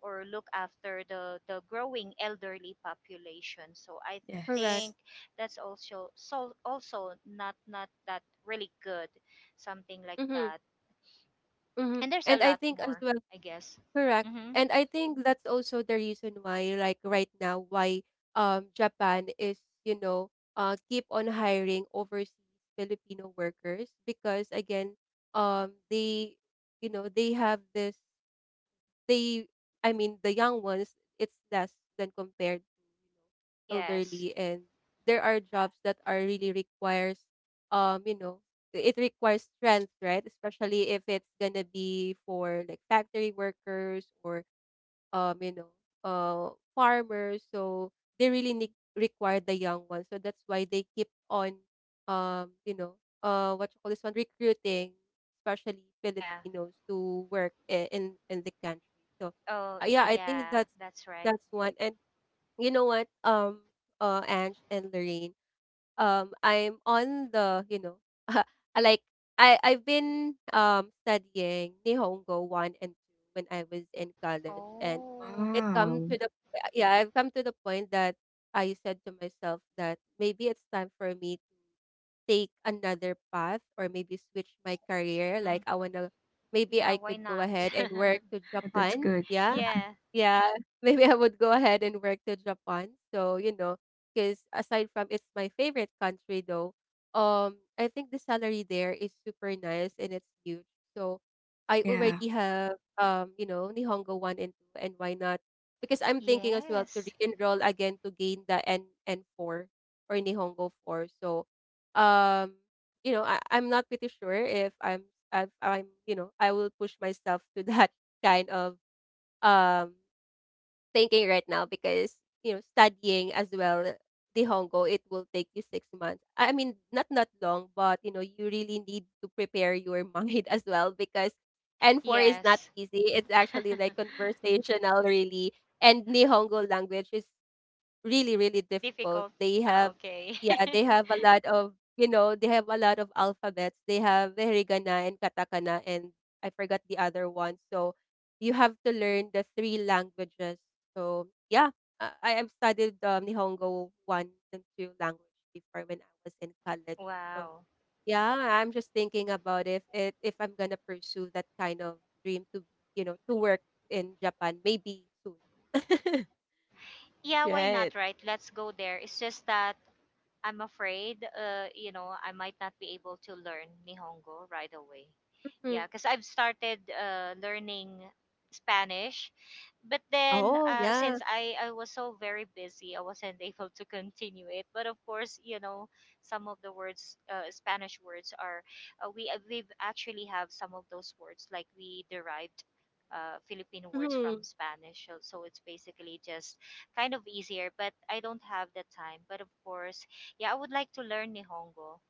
[SPEAKER 2] or look after the growing elderly population. So I
[SPEAKER 1] Correct.
[SPEAKER 3] Yes.
[SPEAKER 2] think that's also also not that really good, something like
[SPEAKER 1] Mhm.
[SPEAKER 2] that.
[SPEAKER 1] Mhm.
[SPEAKER 2] And there's a
[SPEAKER 1] And I
[SPEAKER 2] lot
[SPEAKER 1] think as
[SPEAKER 2] more,
[SPEAKER 1] well,
[SPEAKER 2] I guess.
[SPEAKER 1] correct.
[SPEAKER 2] Mm-hmm.
[SPEAKER 1] And I think that's also the reason why, like right now, why Japan is, keep on hiring overseas Filipino workers, because again, they, they have this, they, I mean, the young ones, it's less than compared to,
[SPEAKER 2] Yes.
[SPEAKER 1] elderly. And there are jobs that are really requires, um you know it requires strength, right, especially if it's gonna be for like factory workers or, um, you know, farmers. So they really need, require the young ones. So that's why they keep on, um, you know, what you call this one, recruiting, especially
[SPEAKER 2] Yeah.
[SPEAKER 1] Filipinos to work in the country. So
[SPEAKER 2] Oh,
[SPEAKER 1] yeah, I think
[SPEAKER 2] yeah.
[SPEAKER 1] that's
[SPEAKER 2] That's right.
[SPEAKER 1] that's one. And you know what, Ange and Lorraine, I'm on the, [LAUGHS] I like I I've been studying Nihongo 1 and 2 when I was in college. And
[SPEAKER 2] Oh.
[SPEAKER 1] it come
[SPEAKER 3] Wow,
[SPEAKER 1] to the yeah, I've come to the point that I said to myself that maybe it's time for me to take another path, or maybe switch my career. Like,
[SPEAKER 2] Mm-hmm.
[SPEAKER 1] I want to, maybe
[SPEAKER 2] Yeah.
[SPEAKER 1] I
[SPEAKER 2] Why
[SPEAKER 1] could go
[SPEAKER 2] not?
[SPEAKER 1] ahead and
[SPEAKER 2] [LAUGHS]
[SPEAKER 1] work to
[SPEAKER 3] that's
[SPEAKER 1] Japan,
[SPEAKER 3] good.
[SPEAKER 1] yeah.
[SPEAKER 2] Yeah.
[SPEAKER 1] Yeah, [LAUGHS] maybe I would go ahead and work to Japan. So, because aside from it's my favorite country though, I think the salary there is super nice and it's huge. So I
[SPEAKER 3] Yeah,
[SPEAKER 1] already have, Nihongo 1 and 2, and why not? Because I'm thinking as well to
[SPEAKER 2] Yes.
[SPEAKER 1] re-enroll again to gain the N four or Nihongo 4. So um, I'm not pretty sure if I'm you know, I will push myself to that [LAUGHS] kind of um thinking right now, because studying as well the Hongo, it will take you 6 months. I mean not long, but you really need to prepare your mind [LAUGHS] as well, because N4 is not
[SPEAKER 2] Yes.
[SPEAKER 1] easy. It's actually
[SPEAKER 2] [LAUGHS]
[SPEAKER 1] like conversational, really. And Nihongo language is really
[SPEAKER 2] Is it
[SPEAKER 1] difficult.
[SPEAKER 2] difficult?
[SPEAKER 1] They
[SPEAKER 2] Ah,
[SPEAKER 1] have
[SPEAKER 2] okay.
[SPEAKER 1] yeah they
[SPEAKER 2] [LAUGHS]
[SPEAKER 1] have a lot of they have a lot of alphabets. They have the hiragana and katakana and I forgot the other one, so you have to learn the three languages. So yeah, I have studied Nihongo one and two language before when I was in college. So
[SPEAKER 2] Wow.
[SPEAKER 1] yeah, I'm just thinking about if I'm gonna pursue that kind of dream to be to work in Japan maybe soon. [LAUGHS]
[SPEAKER 2] Yeah, why
[SPEAKER 1] Right.
[SPEAKER 2] not, right? Let's go there. It's just that I'm afraid, you know, I might not be able to learn Nihongo right away. Yeah, because I've started learning Spanish, but then
[SPEAKER 1] Oh, yeah.
[SPEAKER 2] since I was so very busy, I wasn't [LAUGHS] able to continue it. But of course, you know, some of the words, Spanish words are, we actually have some of those words like we derived. Philippine words from
[SPEAKER 1] Mhm.
[SPEAKER 2] Spanish, so so it's basically just kind of easier. But I don't have the time. But of course, yeah, I would like to learn Nihongo.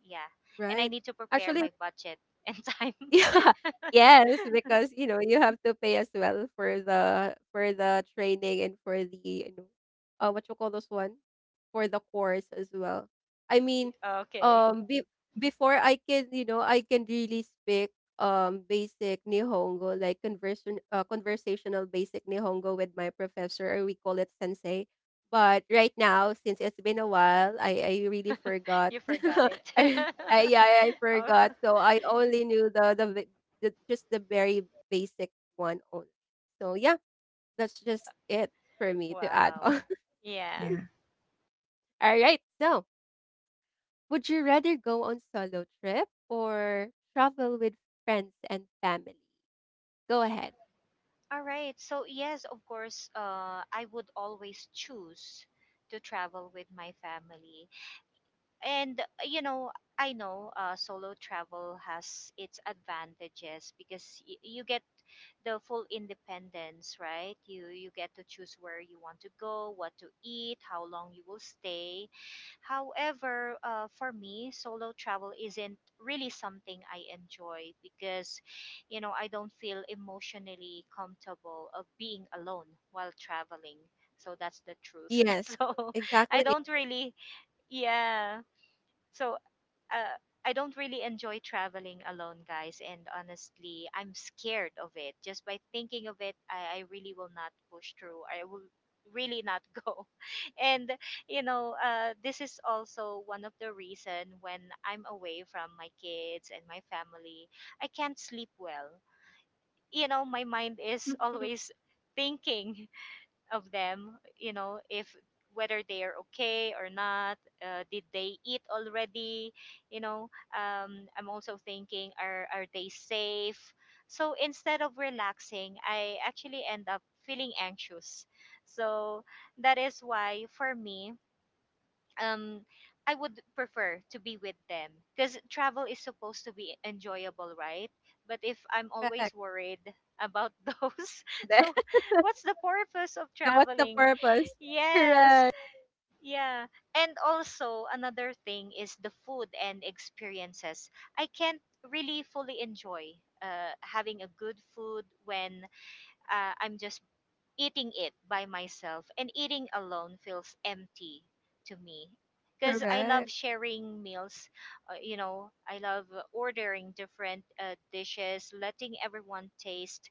[SPEAKER 2] Yeah. And I
[SPEAKER 1] Right.
[SPEAKER 2] need to prepare
[SPEAKER 1] Actually,
[SPEAKER 2] my budget and [LAUGHS] time.
[SPEAKER 1] yeah. [LAUGHS] Yes, because you know you have to pay as well for the training and for the what you call this one, for the course as well. I mean,
[SPEAKER 2] Okay.
[SPEAKER 1] um, be, Before I can I can really speak basic Nihongo like conversion conversational basic Nihongo with my professor, or we call it sensei. But right now, since it's been a while, I really
[SPEAKER 2] [LAUGHS]
[SPEAKER 1] forgot.
[SPEAKER 2] You forgot
[SPEAKER 1] [LAUGHS]
[SPEAKER 2] it.
[SPEAKER 1] I I yeah, I
[SPEAKER 2] [LAUGHS] Oh, [LAUGHS]
[SPEAKER 1] forgot. So I only knew the just the very basic one only. So yeah, that's just it for me to add on.
[SPEAKER 2] wow. Yeah.
[SPEAKER 3] yeah.
[SPEAKER 1] [LAUGHS] All right. So, would you rather go on solo trip or travel with friends and family? Go ahead.
[SPEAKER 2] All right. So, yes, of course, I would always choose to travel with my family. And you know, I know solo travel has its advantages because you get the full independence, right? You get to choose where you want to go, what to eat, how long you will stay. However, for me solo travel isn't really something I enjoy because you know I don't feel emotionally comfortable of being alone while traveling. So that's the truth. [LAUGHS]
[SPEAKER 1] Yes,
[SPEAKER 2] So I
[SPEAKER 1] exactly.
[SPEAKER 2] don't really, yeah, so uh, I don't really enjoy traveling alone, guys. And honestly, I'm scared of it. Just by thinking of it, I really will not push through. I will really not [LAUGHS] go. And you know, this is also one of the reason when I'm away from my kids and my family, I can't sleep well. You know, my mind is [LAUGHS]
[SPEAKER 1] Mhm.
[SPEAKER 2] always thinking of them, you know, if whether they are okay or not. Did they eat already? You know, I'm also thinking, are they safe? So instead of relaxing, I actually end up feeling anxious. So that is why for me, um I would prefer to be with them because travel is supposed to be enjoyable, right? But if I'm always
[SPEAKER 1] Correct.
[SPEAKER 2] worried about [LAUGHS] those, so
[SPEAKER 1] [LAUGHS]
[SPEAKER 2] what's the purpose of
[SPEAKER 1] Then what's the
[SPEAKER 2] traveling?
[SPEAKER 1] purpose?
[SPEAKER 2] Yes,
[SPEAKER 1] Correct.
[SPEAKER 2] yeah. And also, another thing is the food and experiences. I can't really fully enjoy having a good food when I'm just eating it by myself, and eating alone feels empty to me because I love
[SPEAKER 1] Correct.
[SPEAKER 2] sharing meals. You know, I love ordering different dishes, letting everyone taste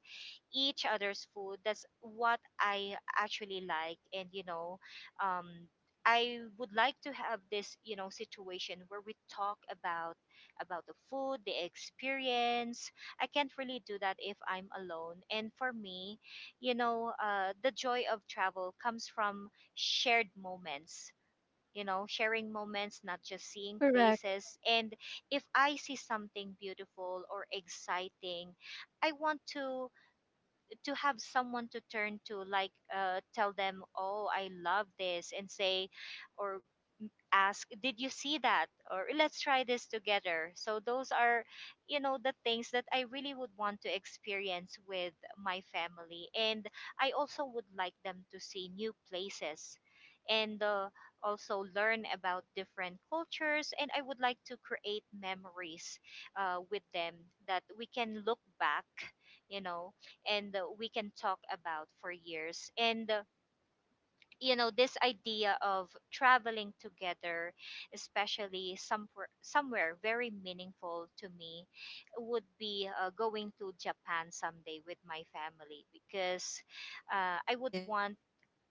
[SPEAKER 2] each other's food. That's what I actually like. And, you know, um, I would like to have this, you know, situation where we talk about the food, the experience. I can't really do that if I'm alone. And for me, you know, the joy of travel comes from shared moments. You know, sharing moments, not just seeing
[SPEAKER 1] Correct.
[SPEAKER 2] places. And if I see something beautiful or exciting, I want to have someone to turn to, like tell them, oh, I love this, and say or ask, "Did you see that?" or "Let's try this together." So those are, you know, the things that I really would want to experience with my family, and I also would like them to see new places and also learn about different cultures. And I would like to create memories with them that we can look back, you know, and we can talk about for years. And you know, this idea of traveling together, especially somewhere very meaningful to me, would be going to Japan someday with my family, because I would
[SPEAKER 1] Yeah.
[SPEAKER 2] want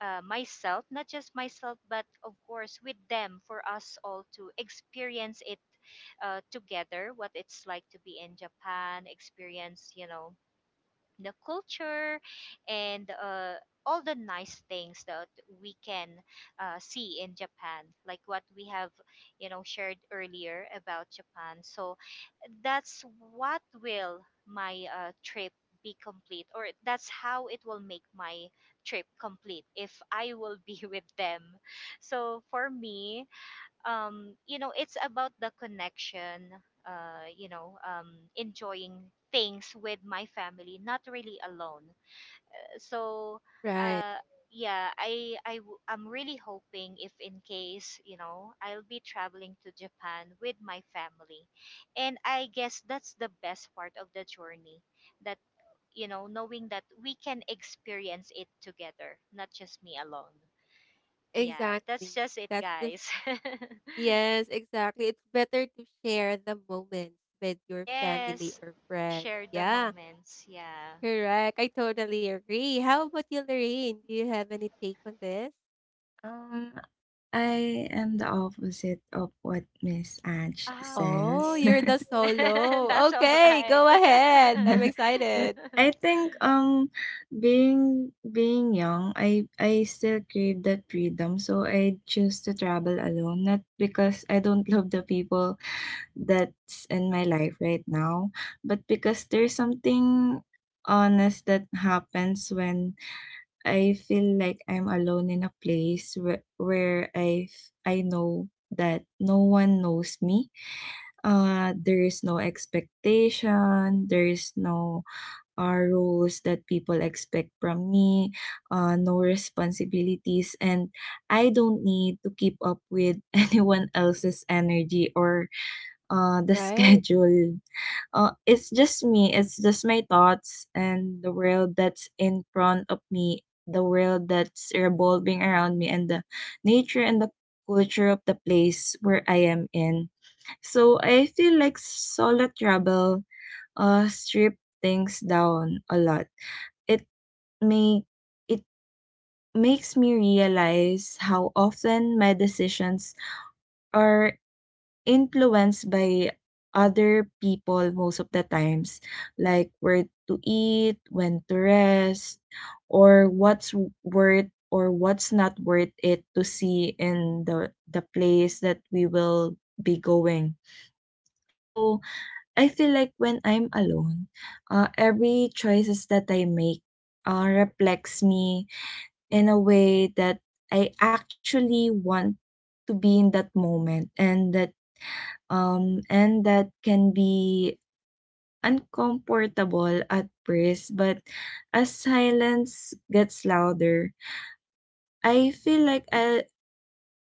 [SPEAKER 2] myself, not just myself, but of course with them, for us all to experience it together, what it's like to be in Japan, experience, you know, the culture and all the nice things that we can see in Japan, like what we have, you know, shared earlier about Japan. So that's what will my trip be complete, or that's how it will make my trip complete if I will be [LAUGHS] with them. So for me, you know, it's about the connection, you know, enjoying things with my family, not really alone. So,
[SPEAKER 1] Right.
[SPEAKER 2] uh, yeah, I, I'm really hoping if in case, you know, I'll be traveling to Japan with my family. And I guess that's the best part of the journey, that, you know, knowing that we can experience it together, not just me alone. Yeah, that's
[SPEAKER 1] Exactly.
[SPEAKER 2] just it,
[SPEAKER 1] That's the—
[SPEAKER 2] guys. [LAUGHS]
[SPEAKER 1] yes, exactly. It's better to share the moments with your family
[SPEAKER 2] Yes,
[SPEAKER 1] or friends.
[SPEAKER 2] share the
[SPEAKER 1] Yeah,
[SPEAKER 2] moments. Yeah.
[SPEAKER 1] correct. I totally agree. How about you, Lorraine? Do you have any take on this?
[SPEAKER 3] Um, I am the opposite of what Miss Ange
[SPEAKER 2] Ah,
[SPEAKER 1] Oh,
[SPEAKER 3] says.
[SPEAKER 1] you're
[SPEAKER 2] okay.
[SPEAKER 1] the
[SPEAKER 2] [LAUGHS]
[SPEAKER 1] solo.
[SPEAKER 2] That's all
[SPEAKER 1] Okay,
[SPEAKER 2] right.
[SPEAKER 1] go ahead. I'm
[SPEAKER 3] [LAUGHS]
[SPEAKER 1] excited.
[SPEAKER 3] I
[SPEAKER 2] [LAUGHS]
[SPEAKER 3] think being being young, I still crave that freedom, so I choose to travel alone, not because I don't [LAUGHS] love the people that's in my life right now, but because there's something honest that happens when I feel like I'm alone in a place where I know that no one knows me. There is no expectation. There is no rules that people expect from me. No responsibilities, and I don't need to keep up with [LAUGHS] anyone else's energy or the [LAUGHS]
[SPEAKER 1] Right.
[SPEAKER 3] schedule. It's just me. It's just my thoughts and the world that's in front of me, the world that's revolving around me, and the nature and the culture of the place where I am in. So I feel like solo travel strip things down a lot. It may it makes me realize how often my decisions are influenced by other people most of the times, like where to eat, when to rest, or worth or what's not worth it to see in the place that we will be going. So I feel like when I'm alone, every choices that I make reflects me in a way that I actually want to be in that moment, and that can be uncomfortable at first, but as silence gets louder, I feel like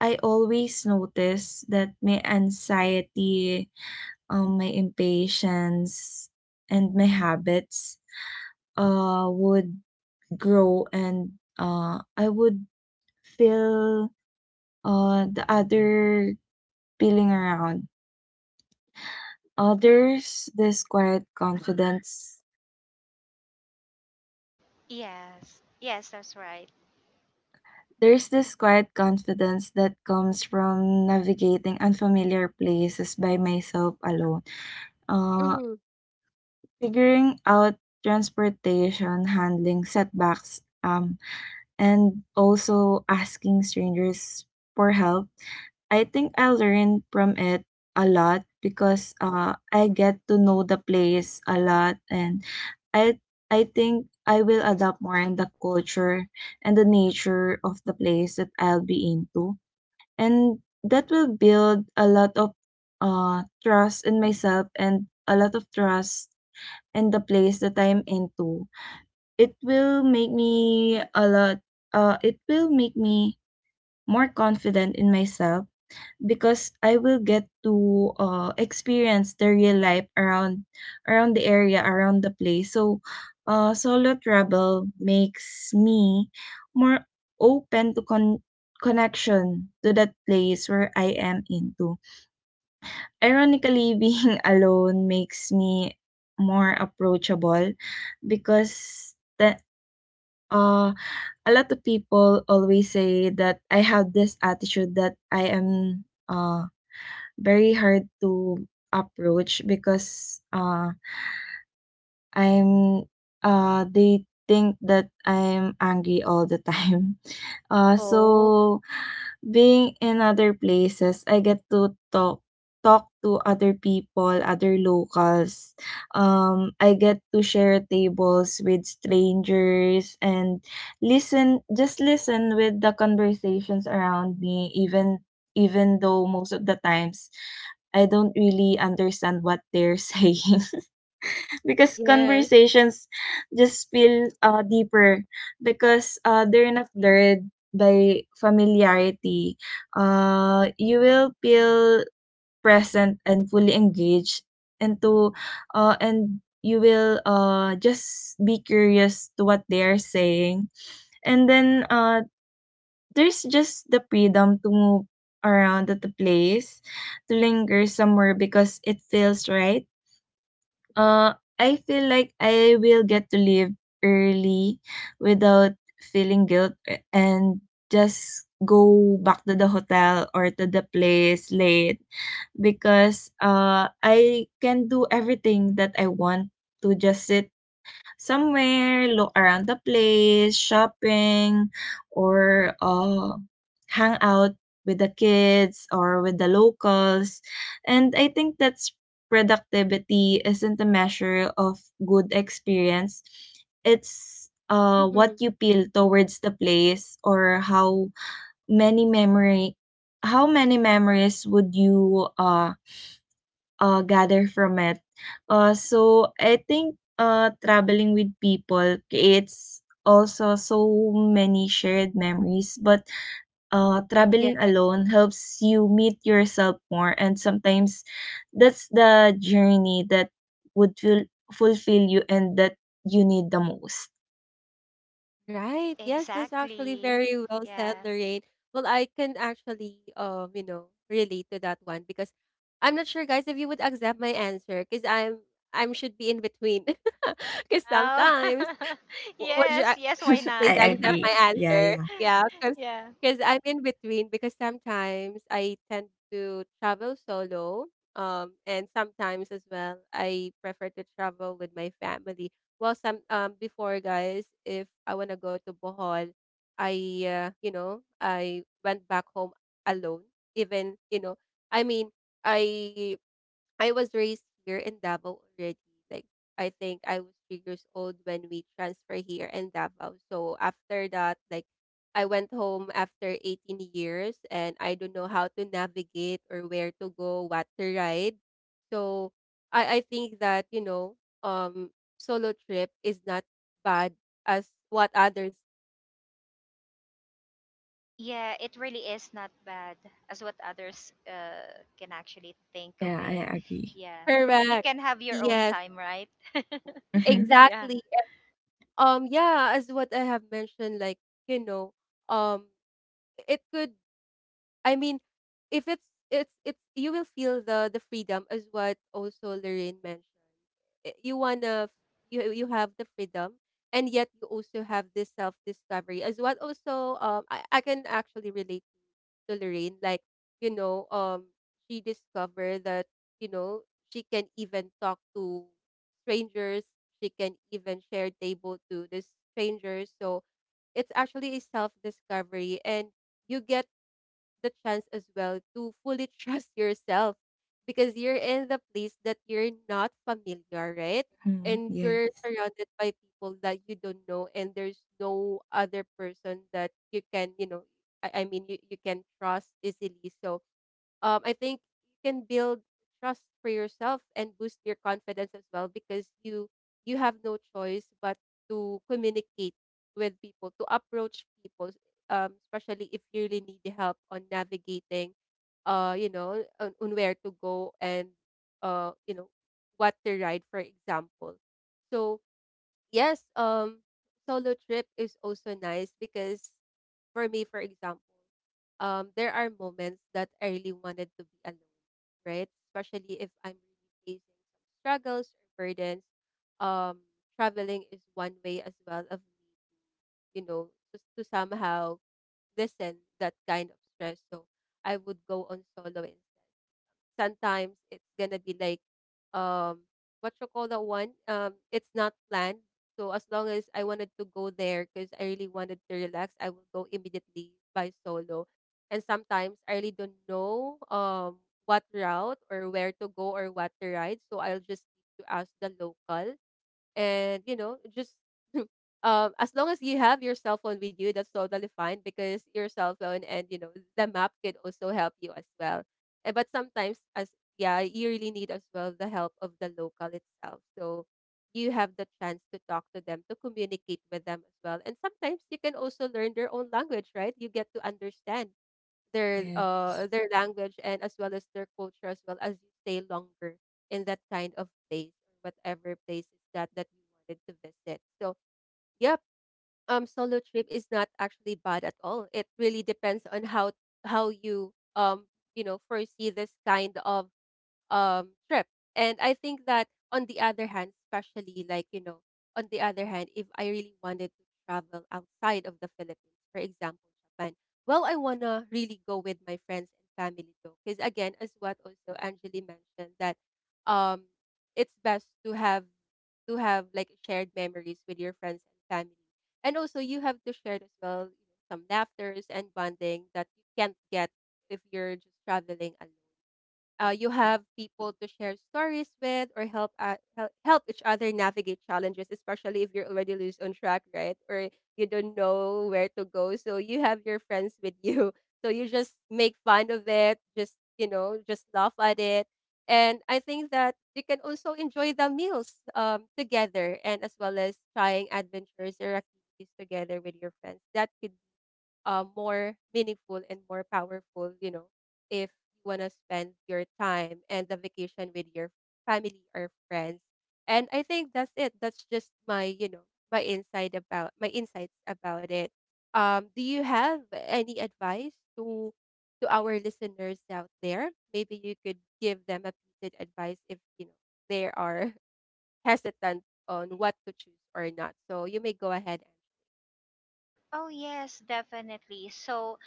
[SPEAKER 3] I always notice that my anxiety, my impatience, and my habits would grow, and I would feel the other feeling around. Uh, there's this quiet confidence
[SPEAKER 2] Yes. Yes, that's right.
[SPEAKER 3] There's this quiet confidence that comes from navigating unfamiliar places by myself alone. Uh,
[SPEAKER 1] Hmm.
[SPEAKER 3] Figuring out transportation, handling setbacks, and also asking strangers for help. I think I learned from it a lot because I get to know the place a lot, and I I think I will adapt more in the culture and the nature of the place that I'll be into, and that will build a lot of trust in myself and a lot of trust in the place that I'm into. It will make me a lot it will make me more confident in myself because I will get to experience the real life around the area around the place. So, solo travel makes me more open to connection to that place where I am into. Ironically, [LAUGHS] being alone makes me more approachable because the uh a lot of people always say that I have this attitude that I am very hard to approach because, I'm they think that I'm angry all the time. [LAUGHS] Uh,
[SPEAKER 1] Oh,
[SPEAKER 3] so being in other places, I get to talk to other people, other locals. I get to share tables with strangers and listen, just listen with the conversations around me, even even though most of the times I don't really understand what they're [LAUGHS] saying. Because
[SPEAKER 1] yes.
[SPEAKER 3] conversations just feel deeper because they're not blurred by familiarity. You will feel present and fully engaged into, and you will just be curious to what they are saying. And then There's just the freedom to move around at the place, to linger somewhere because it feels right. I feel like I will get to leave early without feeling guilt, and just go back to the hotel or to the place late because I can do everything that I want, to just sit somewhere, look around the place, shopping, or hang out with the kids or with the locals. And I think that's, productivity isn't a measure of good experience. It's what
[SPEAKER 1] Hmm.
[SPEAKER 3] you feel towards the place or many memory how many memories would you gather from it. So I think traveling with people creates also so many shared memories, but traveling alone helps you meet yourself more, and sometimes that's the journey that would feel, fulfill you and that you need the most.
[SPEAKER 1] Right. Yes, that's actually
[SPEAKER 2] Exactly.
[SPEAKER 1] very well said,
[SPEAKER 2] Yeah.
[SPEAKER 1] Lorraine. Well, I can actually, relate to that one because I'm not sure, guys, if you would accept my answer because I'm should be in between. [LAUGHS] Because
[SPEAKER 2] Oh.
[SPEAKER 1] sometimes
[SPEAKER 2] [LAUGHS]
[SPEAKER 1] what you
[SPEAKER 2] Yes, yes, why not?
[SPEAKER 1] please
[SPEAKER 3] I
[SPEAKER 1] accept
[SPEAKER 3] agree.
[SPEAKER 1] my
[SPEAKER 3] Yeah,
[SPEAKER 1] answer.
[SPEAKER 3] yeah,
[SPEAKER 1] Yeah,
[SPEAKER 2] [LAUGHS] Yeah.
[SPEAKER 1] because I'm in between, because sometimes I tend to travel solo, and sometimes as well I prefer to travel with my family. Well, some before, guys, if I wanna go to Bohol, I you know, I went back home alone. Even you know, I mean I I was raised here in Davao already. Like, I think I was 3 years old when we transferred here in Davao. So after that, like I went home after 18 years and I don't know how to navigate or where to go, what to ride. So, I think that, you know, um, solo trip is not bad as what others.
[SPEAKER 2] Yeah, it really is not bad as what others can actually think of
[SPEAKER 3] yeah.
[SPEAKER 2] it.
[SPEAKER 3] I agree.
[SPEAKER 1] [LAUGHS]
[SPEAKER 2] Yeah. And you
[SPEAKER 1] Correct.
[SPEAKER 2] can have your own
[SPEAKER 1] Yes,
[SPEAKER 2] time, right? [LAUGHS]
[SPEAKER 3] Mm-hmm.
[SPEAKER 2] Yeah.
[SPEAKER 1] exactly. Um, yeah, as what I have mentioned, like, you know, um, it could I mean, if it's you will feel the freedom as what also Lorraine mentioned. I- You wanna f- you you have the freedom, and yet you also have this self discovery, as what also I can actually relate to Lorraine. Like, you know, um, she discovered that, you know, she can even talk to strangers, she can even share table to the strangers. So it's actually a self discovery, and you get the chance as well to fully [LAUGHS] trust yourself because you're in the place that you're not familiar, right?
[SPEAKER 3] Mm-hmm.
[SPEAKER 1] And
[SPEAKER 3] Yes,
[SPEAKER 1] you're surrounded by people that you don't know, and there's no other person that you can, you know, you, you can trust easily. So, I think you can build trust for yourself and boost your confidence as well, because you have no choice but to communicate with people, to approach people, especially if you really need help on navigating, you know, on where to go, and you know, what to ride, for example. So yes, solo trip is also nice because for me, for example, there are moments that I really wanted to be alone, right? Especially if I'm really facing some struggles or burdens. Um, traveling is one way as well of me, you know, just to somehow lessen that kind of stress. So I would go on solo instead. Sometimes it's gonna be like, um, what you call that one, um, it's not planned. So as long as I wanted to go there because I really wanted to relax, I will go immediately by solo. And sometimes I really don't know, um, what route or where to go or what to ride, so I'll just need to ask the local. And, you know, just [LAUGHS] um, as long as you have your cell phone with you, that's totally fine, because your cell phone and, you know, the map could also help you as well. Eh, but sometimes as yeah you really need as well the help of the local itself, so you have the chance to talk to them, to communicate with them as well, and sometimes you can also learn their own language, right? You get to understand
[SPEAKER 3] yes.
[SPEAKER 1] their language, and as well as their culture, as well, as you stay longer in that kind of place, or whatever place is that that you wanted to visit. So yep, um, solo trip is not actually bad at all. It really depends on how you, um, you know, foresee this kind of trip. And I think that on the other hand, especially like, you know, on the other hand, if I really wanted to travel outside of the Philippines, for example, Japan, well, I wanna really go with my friends and family though. Because again, as what also Angeli mentioned, that um it's best to have like shared memories with your friends and family. And also you have to share as well, you know, some laughters and bonding that you can't get if you're just traveling alone. Uh, you have people to share stories with, or help, help each other navigate challenges, especially if you're already loose on track, right? Or you don't know where to go, so you have your friends with you. [LAUGHS] So you just make fun of it, just, you know, just laugh at it. And I think that you can also enjoy the meals, together, and as well as trying adventures or activities together with your friends that could more meaningful and more powerful, you know, if you want to spend your time and the vacation with your family or friends. And I think that's it. That's just my, you know, my insights about it. Do you have any advice to our listeners out there? Maybe you could give them a piece of advice if you know they are [LAUGHS] hesitant on what to choose or not. So you may go ahead and
[SPEAKER 2] Oh, yes, definitely. So,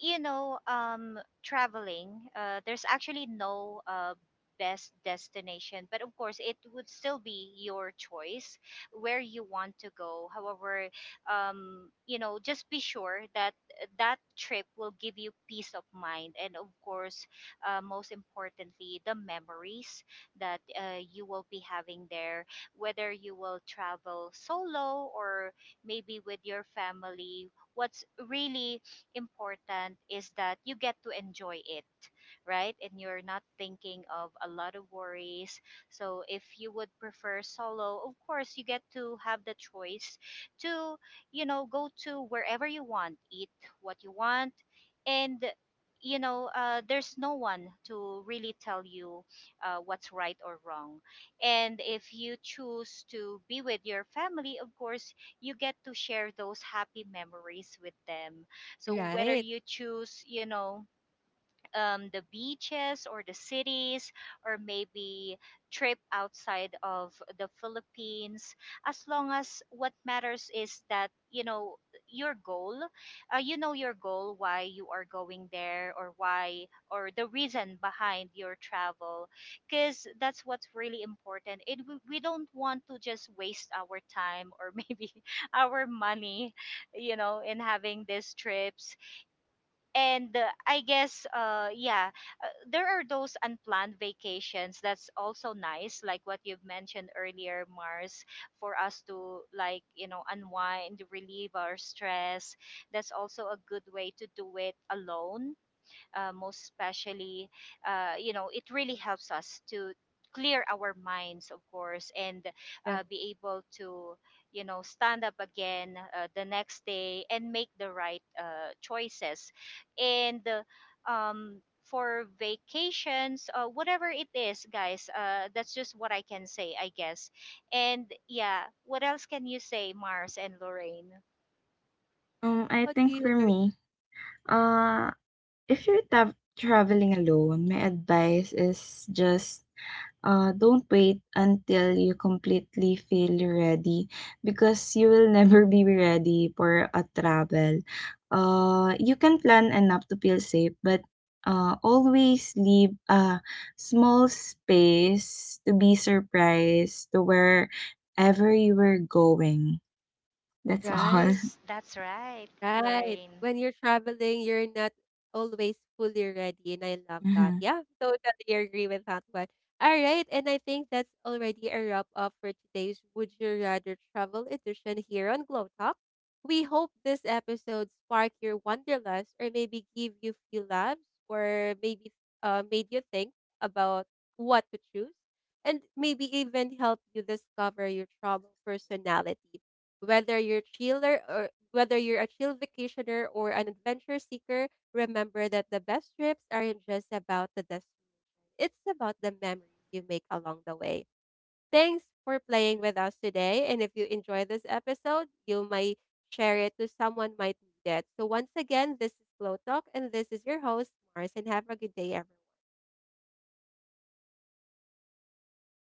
[SPEAKER 2] you know, traveling, there's actually no best destination, but of course, it would still be your choice where you want to go. However, you know, just be sure that that trip will give you peace of mind, and of course, most importantly, the memories that you will be having there, whether you will travel solo or maybe with your family. What's really important is that you get to enjoy it, right? And you're not thinking of a lot of worries. So if you would prefer solo, of course you get to have the choice to, you know, go to wherever you want, eat what you want, and you know, there's no one to really tell you what's right or wrong. And if you choose to be with your family, of course, you get to share those happy memories with them. So whether
[SPEAKER 1] right.
[SPEAKER 2] you choose, you know, the beaches or the cities or maybe trip outside of the Philippines, as long as what matters is that you know your goal, you know your goal, why you are going there, or why or the reason behind your travel, because that's what's really important. It, we don't want to just waste our time or [LAUGHS] maybe our money, you know, in having these trips. And I guess yeah, there are those unplanned vacations that's also nice, like what you've mentioned earlier, Mars, for us to like, you know, unwind, relieve our stress. That's also a good way to do it alone, most especially. Uh, you know, it really helps us to clear our minds, of course, and
[SPEAKER 1] Right.
[SPEAKER 2] be able to, you know, stand up again the next day and make the right choices. And for vacations, whatever it is, guys, that's just what I can say, I guess. And yeah, what else can you say, Mars and Lorraine?
[SPEAKER 3] I
[SPEAKER 1] What about
[SPEAKER 3] think
[SPEAKER 1] you,
[SPEAKER 3] for me, uh, if you're tav traveling alone, my advice is just, don't wait until you completely feel ready because you will [LAUGHS] never be ready for a travel. You can plan enough to feel safe, but, always leave a small space to be surprised to wherever you were going. That's all.
[SPEAKER 1] right,
[SPEAKER 2] Yes, that's right,
[SPEAKER 1] right.
[SPEAKER 2] Lorraine.
[SPEAKER 1] When you're traveling, you're not always fully ready, and I love that.
[SPEAKER 3] [LAUGHS]
[SPEAKER 1] Yeah, totally agree with that one. All right, and I think that's already a wrap up for today's Would You Rather Travel edition here on Glow Talk. We hope this episode sparked your wanderlust, or maybe give you few laughs, or maybe made you think about what to choose, and maybe even help you discover your travel personality. Whether you're chiller, or whether you're a chill vacationer or an adventure seeker, remember that the best trips aren't just about the destination. It's about the memories you make along the way. Thanks for playing with us today. And if you enjoy this episode, you might share it to someone might need it. So once again, this is Glow Talk, and this is your host, Mars, and have a good day, everyone.